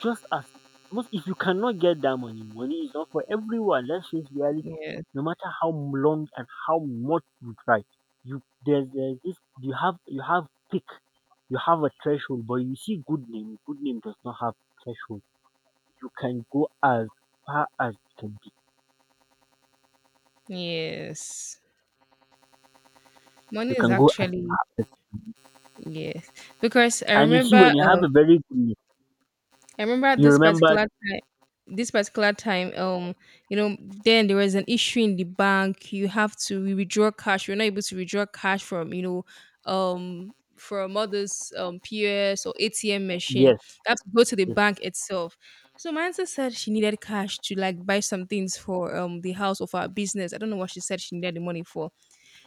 S1: Just as most, if you cannot get that money, money is not for everyone. Let's face reality.
S2: Yes.
S1: No matter how long and how much you try, you there's this you have, you have pick, you have a threshold. But you see, good name does not have threshold. You can go as far as you can be.
S2: Yes.
S1: You
S2: Money is
S1: can go as far
S2: actually.
S1: as,
S2: Yes, because
S1: and you see, when you have a very good name,
S2: I remember
S1: you remember,
S2: this particular time then there was an issue in the bank. You have to withdraw cash. You're not able to withdraw cash from you know from others POS or ATM machine.
S1: yes,
S2: You have to go to the
S1: yes,
S2: bank itself. So my answer said she needed cash to, like, buy some things for the house of our business. I don't know what she said she needed the money for.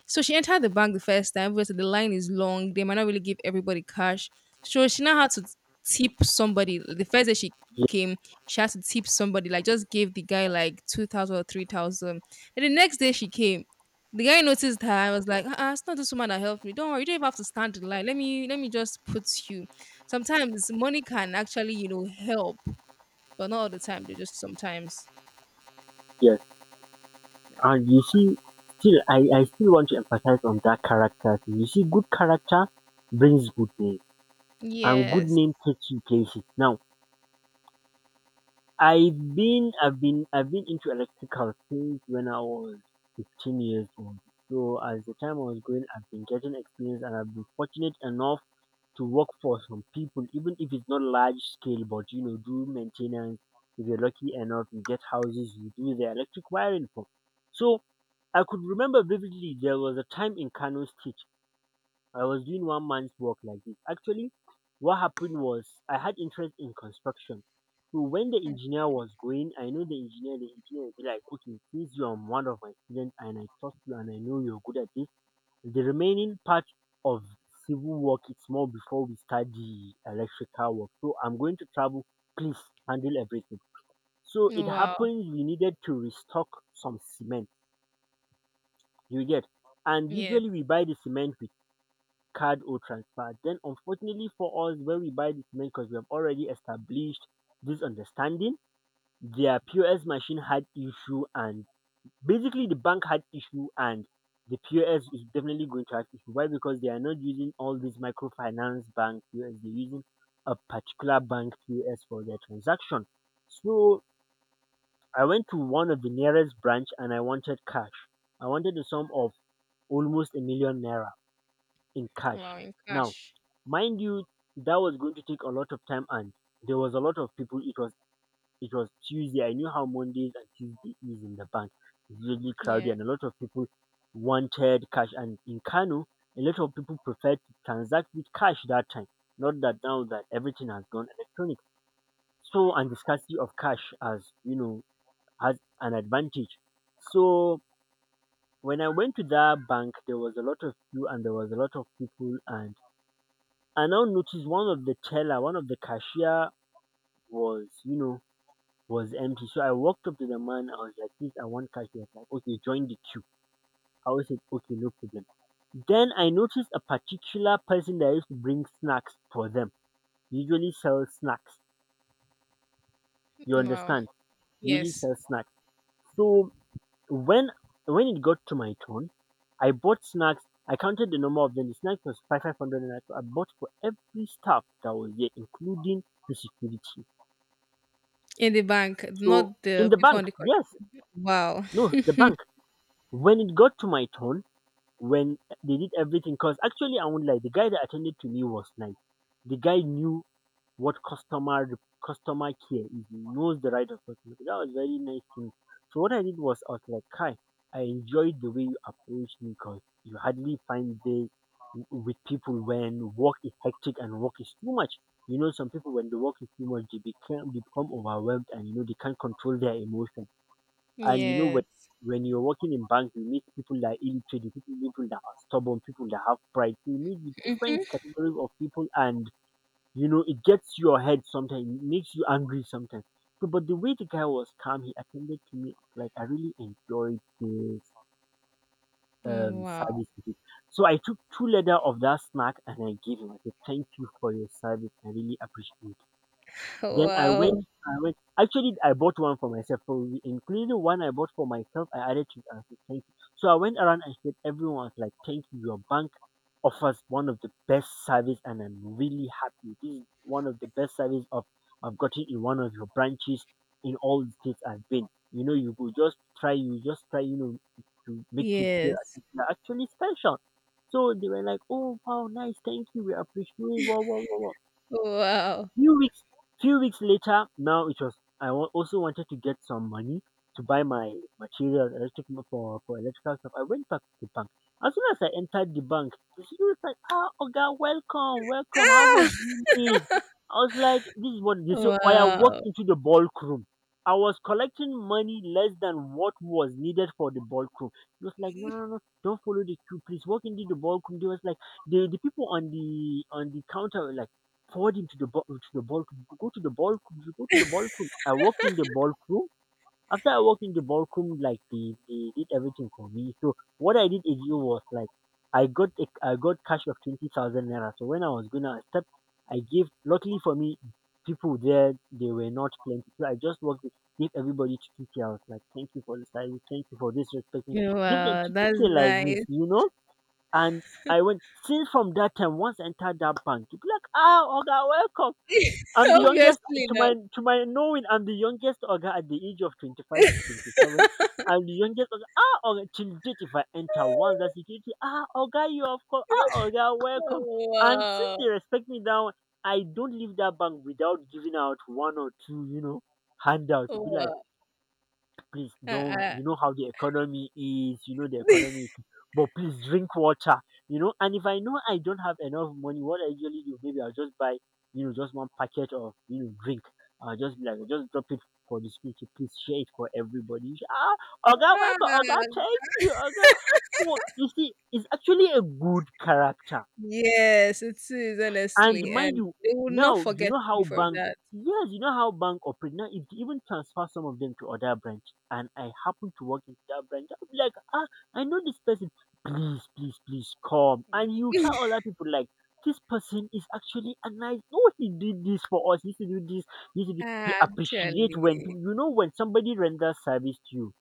S2: So she entered the bank the first time. Obviously, the line is long. They might not really give everybody cash. So she now had to tip somebody. The first day she
S1: yes.
S2: came, she had to tip somebody. Like, just gave the guy like 2,000 or 3,000. And the next day she came. The guy noticed her. I was like, "It's not this woman that helped me? Don't worry, you don't even have to stand in line. Let me just put you." Sometimes money can actually, help, but not all the time. They just sometimes.
S1: Yes. And you see, still I still want to emphasize on that character thing. You see, good character brings good name, and good
S2: Yes.
S1: name takes you places. Now I've been into electrical since when I was 15 years old. So as the time I was going, I've been getting experience, and I've been fortunate enough to work for some people, even if it's not large scale, but you know, do maintenance. If you're lucky enough, you get houses you do the electric wiring for. So I could remember vividly, there was a time in Kano State I was doing one man's work like this. Actually, what happened was, I had interest in construction. So when the engineer was going, I know the engineer would be like, okay, since you are one of my students and I trust you and I know you're good at this, the remaining part of civil work is more before we start the electrical work. So I'm going to travel. Please handle everything. So it
S2: Wow.
S1: happens we needed to restock some cement. You get. And
S2: Yes.
S1: usually we buy the cement with card or transfer. Then, unfortunately for us, when we buy the cement, because we have already established this understanding, their POS machine had issue, and basically the bank had issue, and the POS is definitely going to have issue. Why? Because they are not using all these microfinance bank POS. They're using a particular bank POS for their transaction. So I went to one of the nearest branch and I wanted cash. I wanted the sum of almost 1 million naira in cash.
S2: Wow. In
S1: Now,
S2: cash.
S1: mind you, that was going to take a lot of time, and there was a lot of people. It was Tuesday. I knew how Mondays and Tuesday is in the bank. It's really
S2: Yeah.
S1: crowded, and a lot of people wanted cash. And in Kano, a lot of people prefer to transact with cash that time. Not that now that everything has gone electronic. So, and the scarcity of cash, as you know, has an advantage. So, when I went to that bank, there was a lot of queue and there was a lot of people, and I now noticed one of the teller, one of the cashier was, you know, was empty. So I walked up to the man. I was like, please, I want cash. He was like, okay, join the queue. I was like, okay, no problem. Then I noticed a particular person that used to bring snacks for them. Usually sell snacks. You
S2: Wow.
S1: understand? Usually
S2: Yes,
S1: sell snacks. So when when it got to my turn, I bought snacks. I counted the number of them. The snacks was five hundred, and I bought for every staff that was there, including the security.
S2: in the bank,
S1: So
S2: not
S1: in
S2: the
S1: the
S2: people
S1: bank,
S2: on the corner.
S1: yes,
S2: Wow.
S1: no, the bank. When it got to my turn, when they did everything, because actually I won't lie, the guy that attended to me was nice. The guy knew what customer care is. He knows the right of customer. That was very nice thing. So what I did was, I was like, Kai, I enjoyed the way you approached me, because you hardly find this with people when work is hectic and work is too much. You know, some people when the work is too much, they become overwhelmed, and you know they can't control their emotions, and you know, when,
S2: Yes.
S1: when you're working in bank, you meet people that are illiterate, people that are stubborn, people that have pride. You meet the different
S2: Mm-hmm.
S1: categories of people, and you know, it gets your head sometimes, it makes you angry sometimes. So, but the way the guy was calm, he attended to me. Like I really enjoyed this
S2: Wow.
S1: service. He did. So I took two leather of that snack and I gave him. I said, "Thank you for your service. I really appreciate it." Then I went,
S2: Wow.
S1: I went. Actually, I bought one for myself. So including one I bought for myself, I added to it. I said, thank you. So I went around and said, everyone was like, thank you. Your bank offers one of the best service, and I'm really happy. This is one of the best service of I've gotten in one of your branches in all the states I've been. You go just try, you know, to make it feel as
S2: Yes.
S1: if you're actually special. So they were like, oh wow, nice, thank you, we appreciate, wow, wow, wow, wow.
S2: Wow.
S1: Few weeks, few weeks later, now it was. Also wanted to get some money to buy my materials, electric for electrical stuff. I went back to the bank. As soon as I entered the bank, the security was like, "Ah, Oga, welcome, welcome. How much do
S2: [laughs]
S1: you need?" I was like, "This is what they say." I
S2: Wow.
S1: walked into the ballroom. I was collecting money less than what was needed for the ballroom. He was like, "No, no, no, no, don't follow the queue, please. Walk into the ballroom." They was like, the people on the counter were like forward him to the ballroom. Go to the ballroom. You go to the ballroom. I walked in the ballroom. After I walked in the ballroom, like they did everything for me. So what I did again was like I got cash of 20,000 naira. So when I was gonna step, I gave. Luckily for me, people there they were not plenty. So I just walked. In, gave everybody 2K. I was like, thank you for the service. Thank you for this respect. Give them
S2: Wow.
S1: two
S2: That's
S1: k like this,
S2: nice.
S1: you know. And I went since from that time, once I entered that bank, you be like, ah, Oga, welcome. I'm
S2: [laughs]
S1: the
S2: Obviously,
S1: youngest
S2: no.
S1: to my knowing. I'm the youngest Oga at the age of 25 to
S2: [laughs]
S1: 27. I'm the youngest Oga. Ah, Oga, till date if I enter once that security. Ah, Oga, you of course. Ah, Oga, welcome. And since
S2: Wow.
S1: they respect me now, I don't leave that bank without giving out one or two, you know, handouts. It'd be like,
S2: Wow.
S1: please, don't
S2: Uh-uh.
S1: you know how the economy is, you know the economy
S2: [laughs]
S1: is- but please drink water, you know, and if I know I don't have enough money, what I usually do, maybe I'll just buy, you know, just one packet of, you know, drink. I'll just be like, just drop it for the street, please share it for everybody. Ah, Oga
S2: Ah,
S1: welcome, Oga thank you, Oga. So you see, it's actually a good character.
S2: yes, it is,
S1: And
S2: honestly,
S1: mind
S2: and
S1: you,
S2: they will not
S1: now you
S2: forget
S1: know how
S2: you from
S1: bank,
S2: that.
S1: yes, you know how bank operate. Now if they even transfer some of them to other branch and I happen to walk into that branch, I'll be like, ah, I know this person. Please, please, please come. And you tell other people like, this person is actually a nice, no he did this for us, he used to do this, he used to do, he appreciate when
S2: Actually,
S1: people, you know, when somebody renders service to you,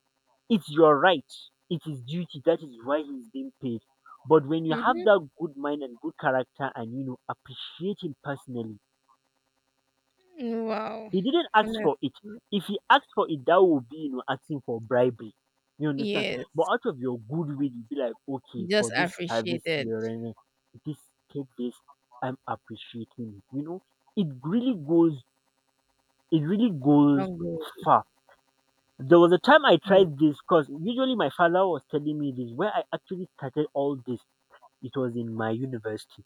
S1: it's your right. It's duty. That is why he's being paid. But when you have
S2: hmm,
S1: that good mind and good character and you know appreciate him personally,
S2: wow,
S1: he didn't ask for it.
S2: honestly.
S1: If he asked for it, that would be, you know, asking for bribery. You understand? But
S2: Yes,
S1: out of your good will, you'd be like,
S2: you
S1: okay, for
S2: just
S1: this
S2: appreciate
S1: service
S2: it.
S1: here and this, take this, I'm appreciating it. You know, it really goes it really
S2: Do
S1: goes
S2: not go.
S1: far. There was a time I
S2: Hmm.
S1: tried this because usually my father was telling me this. Where I actually started all this, it was in my university.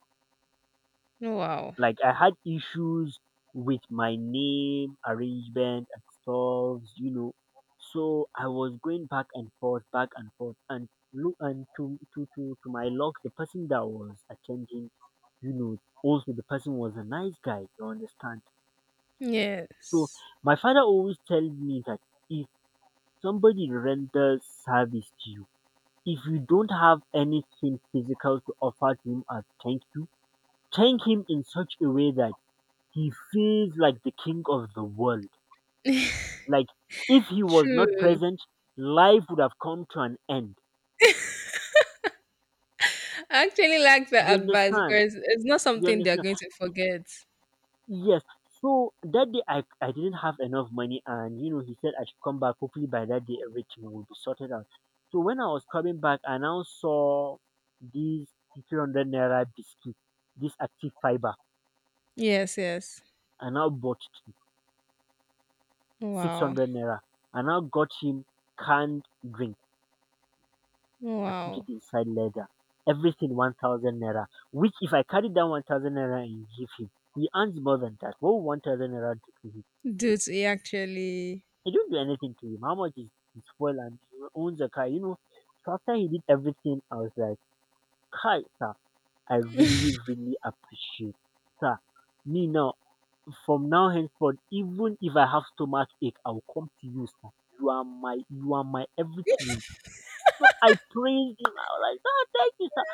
S2: Wow.
S1: Like I had issues with my name arrangement and stuff, you know. So I was going back and forth, and look, and to my luck, the person that was attending, you know, also the person was a nice guy. You understand? So
S2: Yes.
S1: my father always tells me that if somebody renders service to you, if you don't have anything physical to offer to him as thank you, thank him in such a way that he feels like the king of the world. Like if he was not
S2: True.
S1: present, life would have come to an end.
S2: I actually like the
S1: You
S2: advice
S1: understand?
S2: because it's not
S1: You
S2: something they're
S1: understand?
S2: going to forget.
S1: Yes. So that day I didn't have enough money, and you know he said I should come back. Hopefully by that day everything will be sorted out. So when I was coming back I now saw these 300 naira biscuit, this active fiber.
S2: Yes, yes.
S1: And I now bought two. six
S2: Wow.
S1: hundred naira. I now got him canned drink. I put it
S2: Wow.
S1: inside leather. Everything 1,000 naira. Which if I carry down 1,000 naira and give him, he earns more than that. What will 1,000 naira do to him?
S2: Dude, he actually.
S1: He didn't do anything to him. How much is his fuel, and he owns a car, you know? So after he did everything, I was like, "Hi sir, I
S2: [laughs]
S1: really, really appreciate, sir. Me now, from now henceforth, even if I have stomach ache, I will come to you, sir. You are my, you are my everything." No, I praised him. I was like, "God, thank you, sir."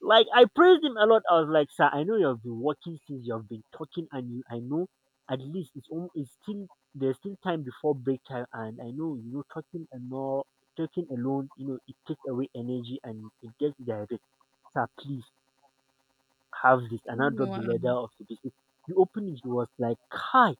S1: Like, I praised him a lot. I was like, "Sir, I know you've been working since you've been talking, and you, I know at least it's almost, it's still, there's still time before break time, and I know, you know, talking and more, talking alone, you know, it takes away energy and it gets diarrhea. Sir, please have this." And I dropped the letter
S2: Wow.
S1: of the business. You open it, it was like, "Hi.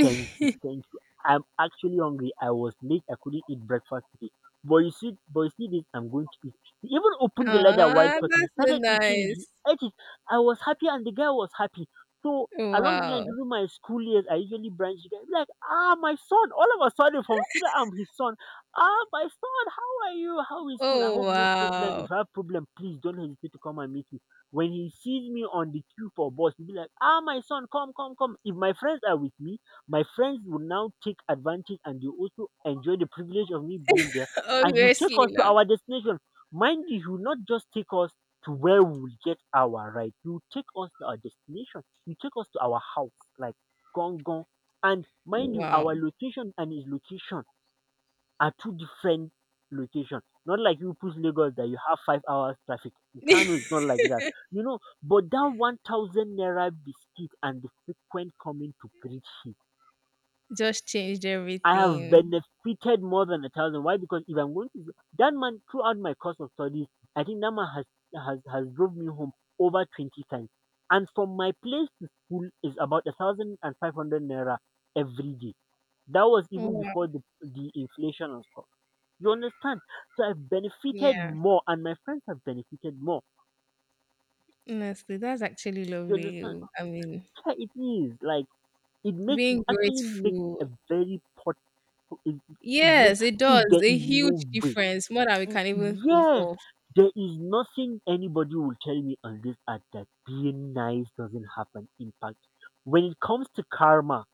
S1: Thank you, thank you. I'm actually hungry. I was late. I couldn't eat breakfast today. But you see this, I'm going to eat." He even opened the leather while
S2: Ah,
S1: talking. He
S2: that's so
S1: started eating it. He
S2: nice.
S1: ate it. I was happy and the guy was happy. So along the line
S2: Wow.
S1: during my school years, I usually branch the guy. Be like, ah, my son. All of a sudden from student, I'm his son. Ah, my son, how are you? How is school? I
S2: Oh,
S1: hope no problem.
S2: wow.
S1: If I have problem, please don't hesitate to come and meet me. When he sees me on the queue for bus, he'll be like, ah, my son, come, come, come. If my friends are with me, my friends will now take advantage and they also enjoy the privilege of me being there.
S2: [laughs]
S1: And you take
S2: Obviously,
S1: us to
S2: now.
S1: our destination. Mind you, you not just take us to where we will get our ride. You take us to our destination. You take us to our house, like gong gong. And mind you,
S2: Wow.
S1: our location and his location are two different locations. Not like you push Lagos that you have 5 hours traffic. In Kano
S2: [laughs]
S1: it's not like that. You know, but that 1,000 naira biscuit and the frequent coming to greet him,
S2: Just changed
S1: I have
S2: everything.
S1: benefited more than a thousand. Why? Because if I'm going to that man throughout my course of studies, I think that man has drove me home over 20 times. And from my place to school is about 1,500 naira every day. That was even before
S2: Wow.
S1: the inflation and stuff. You understand? So I've benefited
S2: Yeah.
S1: more, and my friends have benefited more.
S2: Honestly, that's actually
S1: You
S2: lovely.
S1: understand?
S2: Oh, I mean,
S1: Yeah, it is like it makes, it
S2: being
S1: actually makes
S2: grateful.
S1: a very pot. It, it makes,
S2: Yes, it does.
S1: there is
S2: A huge
S1: no way.
S2: difference, more than we can even think
S1: Yes,
S2: of.
S1: there is nothing anybody will tell me on this earth that being nice doesn't have an impact. When it comes to karma,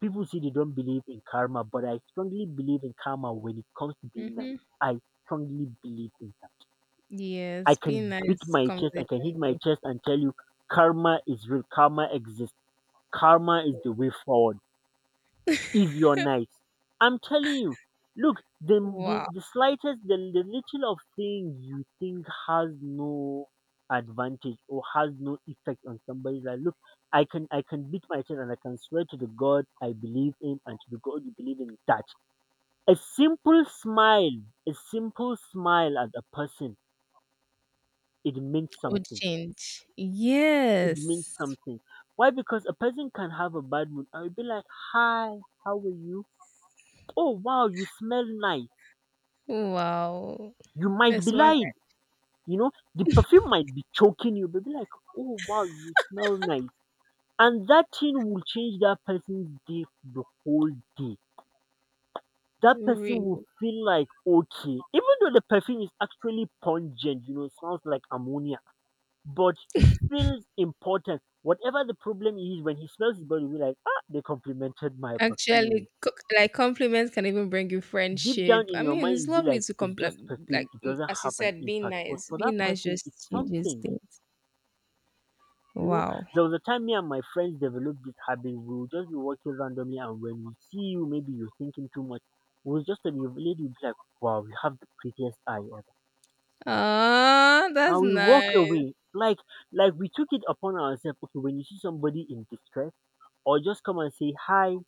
S1: people say they don't believe in karma, but I strongly believe in karma when it comes to being nice.
S2: Hmm,
S1: I strongly believe in that. I
S2: yes, being
S1: can beat
S2: nice
S1: my
S2: comes
S1: chest,
S2: a
S1: I can hit
S2: long
S1: my
S2: way.
S1: chest and tell you karma is real, karma exists, karma is the way forward if you're
S2: [laughs]
S1: nice. I'm telling you, look, the, the,
S2: Wow.
S1: the slightest, the little of thing you think has no advantage or has no effect on somebody's life. Look, I can beat my chest and I can swear to the God I believe in and to the God you believe in that a simple smile, a simple smile at a person, it means
S2: Would
S1: something.
S2: change.
S1: It means
S2: Yes.
S1: something. Why? Because a person can have a bad mood. I will be like, "Hi, how are you? "Oh wow, you smell nice."
S2: Wow.
S1: You might be
S2: It's
S1: lying. The perfume might be choking you, but be like, oh wow, you smell nice. And that thing will change that person's day for the whole day. That person will
S2: one.
S1: feel like okay, even though the perfume is actually pungent, it smells like ammonia, but he feels important. Whatever the problem is, when he smells his body, will be like, ah, they complimented my perfume.
S2: Actually, like, compliments can even bring you
S1: Deep down
S2: friendship.
S1: in
S2: I
S1: your
S2: mean,
S1: mind, you'll
S2: it's
S1: be
S2: lovely
S1: like,
S2: to
S1: it's just
S2: compliment, like,
S1: perfume, it doesn't
S2: as you
S1: have an
S2: said, being
S1: impact. But
S2: nice.
S1: for that
S2: Being nice
S1: person, it's
S2: just changes
S1: something.
S2: things.
S1: You know,
S2: Wow.
S1: there was a time me and my friends developed this habit. We would just be walking randomly, and when we see you, maybe you're thinking too much. We was just a lady would be like, "Wow, we have the prettiest eye ever,"
S2: Ah, that's
S1: and we walk
S2: nice.
S1: away like we took it upon ourselves. Okay, when you see somebody in distress, or just come and say hi.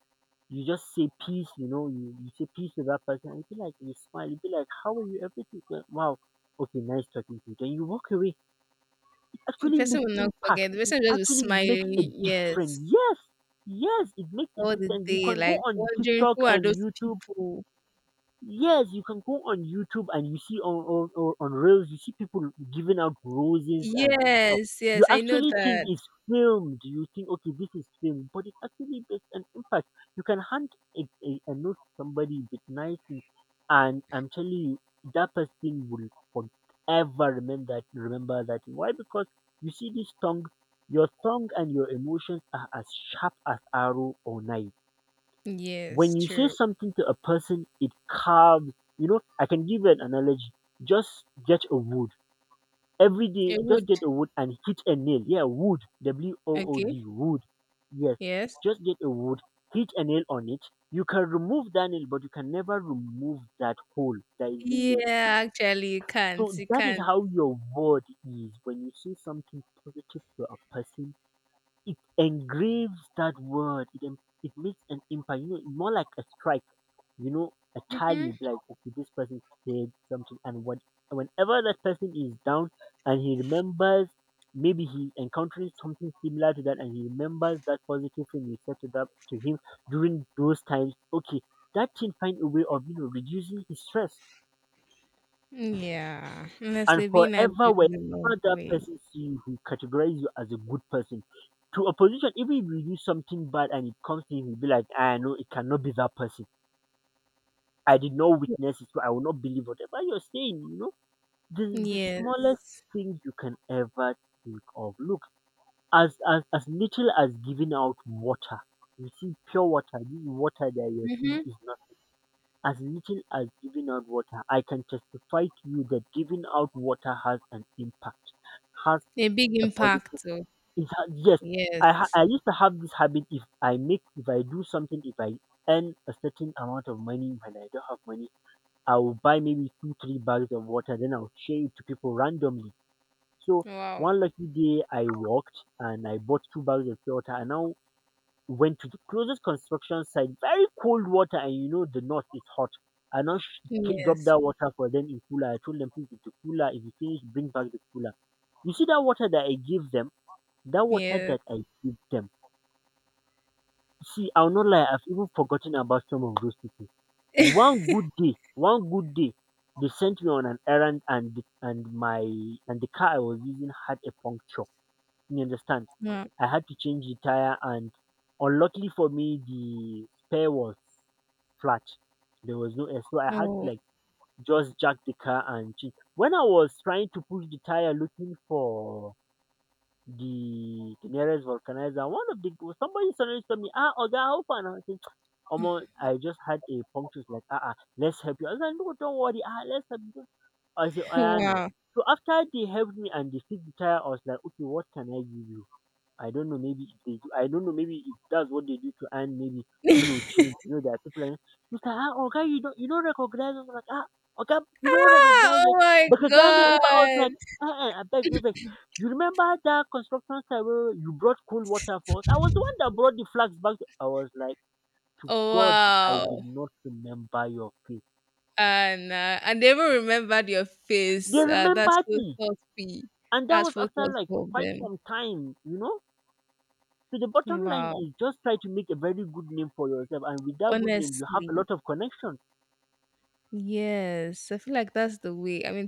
S1: You just say peace, you say peace to that person and you feel like you smile, you feel like, how are you? Everything well, wow, okay, nice talking to you. Then you walk away
S2: The
S1: actually
S2: person
S1: makes
S2: will not
S1: impact.
S2: forget. The
S1: It
S2: person will just
S1: actually
S2: be
S1: makes
S2: smiling,
S1: a difference.
S2: yes,
S1: Yes, yes, it makes a
S2: all the
S1: difference. You
S2: day,
S1: can go
S2: like
S1: on
S2: wondering
S1: TikTok
S2: who are
S1: and
S2: those
S1: YouTube.
S2: people.
S1: Yes, you can go on YouTube and you see on on Reels, you see people giving out roses and stuff.
S2: Yes,
S1: You
S2: yes, I know
S1: actually think
S2: that.
S1: it's filmed. You think, okay, this is filmed, but it actually there's an impact. You can hand a, a note to somebody with nice things, and I'm telling you, that person will forever remember that. Remember that. Why? Because you see this tongue, your tongue and your emotions are as sharp as arrow or knife. When
S2: Yes,
S1: you say
S2: true.
S1: something to a person, it carves. I can give you an analogy. Just get a wood every day.
S2: It
S1: Just
S2: would.
S1: get a wood and hit a nail. Yeah, wood. W O O
S2: Okay.
S1: D. Wood. Yes.
S2: Yes.
S1: Just get a wood, hit a nail on it. You can remove that nail, but you can never remove that hole that is being made.
S2: Yeah, actually, you can't.
S1: So
S2: You
S1: that is
S2: can't.
S1: how your word is. When you say something positive to a person, it engraves that word. It makes an impact. More like a strike, a
S2: Hmm,
S1: tally, be like, okay, this person did something. And what whenever that person is down and he remembers, maybe he encounters something similar to that and he remembers that positive thing you said to him during those times, okay, that thing find a way of, reducing his stress.
S2: yeah.
S1: And
S2: Honestly, being as
S1: forever,
S2: good
S1: whenever
S2: is a long
S1: that
S2: way.
S1: person see you, he categorize you as a good person. To opposition, even if you do something bad and it comes to him, he'll be like, I know it cannot be that person. I did not witness it, so I will not believe whatever you're saying. The smallest
S2: Yes.
S1: thing you can ever think of. Look, as little as giving out water. You see, pure water, this water that you're seeing
S2: Mm-hmm.
S1: is nothing. As little as giving out water, I can testify to you that giving out water has an impact, has
S2: A big
S1: a positive.
S2: impact. Too.
S1: It has, yes,
S2: Yes.
S1: I used to have this habit. If I make, if I do something, if I earn a certain amount of money, when I don't have money I will buy maybe two, three bags of water, then I'll share it to people randomly. So
S2: Wow.
S1: one lucky day I walked and I bought two bags of pure water. I now went to the closest construction site, very cold water, and you know the north is hot. I now dropped
S2: Yes.
S1: that water for them in cooler. I told them, please, the cooler, if you finish, bring back the cooler. You see that water that I gave them? That water
S2: Yes.
S1: that I gave them. See, I will not lie, I've even forgotten about some of those people. One good day, they sent me on an errand, and my and the car I was using had a puncture. You understand?
S2: Wow.
S1: I had to change the tire and unluckily for me the spare was flat. There was no air. So I had to
S2: Oh,
S1: just jack the car and change. When I was trying to push the tire looking for the nearest vulcanizer. One of the Somebody suddenly told me, ah, Oga, how far now? I said, Omo, I just had a puncture. It's like, ah, let's help you. I was like, no, don't worry. Ah, let's help you. I said,
S2: [laughs]
S1: oh yeah, no.
S2: wow.
S1: So after they helped me and they fixed the tire, I was like, okay, what can I give you? I don't know. Maybe if they do, I don't know. Maybe if that's what they do to earn, maybe,
S2: [laughs]
S1: change. There are people like, mister, ah, okay, you don't recognize us, like, ah, okay, you don't
S2: Ah,
S1: recognize us.
S2: oh my
S1: But a guy named, I was
S2: God.
S1: like, I beg. You remember that construction site where you brought cold water for us? I was the one that brought the flags back to-" I was like, to
S2: Oh,
S1: God, I did
S2: wow.
S1: not remember your face.
S2: And they even remembered your
S1: They
S2: face. That's
S1: remembered
S2: so
S1: me,
S2: thoughtful.
S1: and that
S2: That's
S1: was
S2: so
S1: after like
S2: thoughtful of
S1: quite
S2: them.
S1: some time. So the bottom line
S2: Wow.
S1: is just try to make a very good name for yourself and with that good name you have a
S2: Honestly.
S1: lot of connection.
S2: Yes, I feel like that's the way. I mean,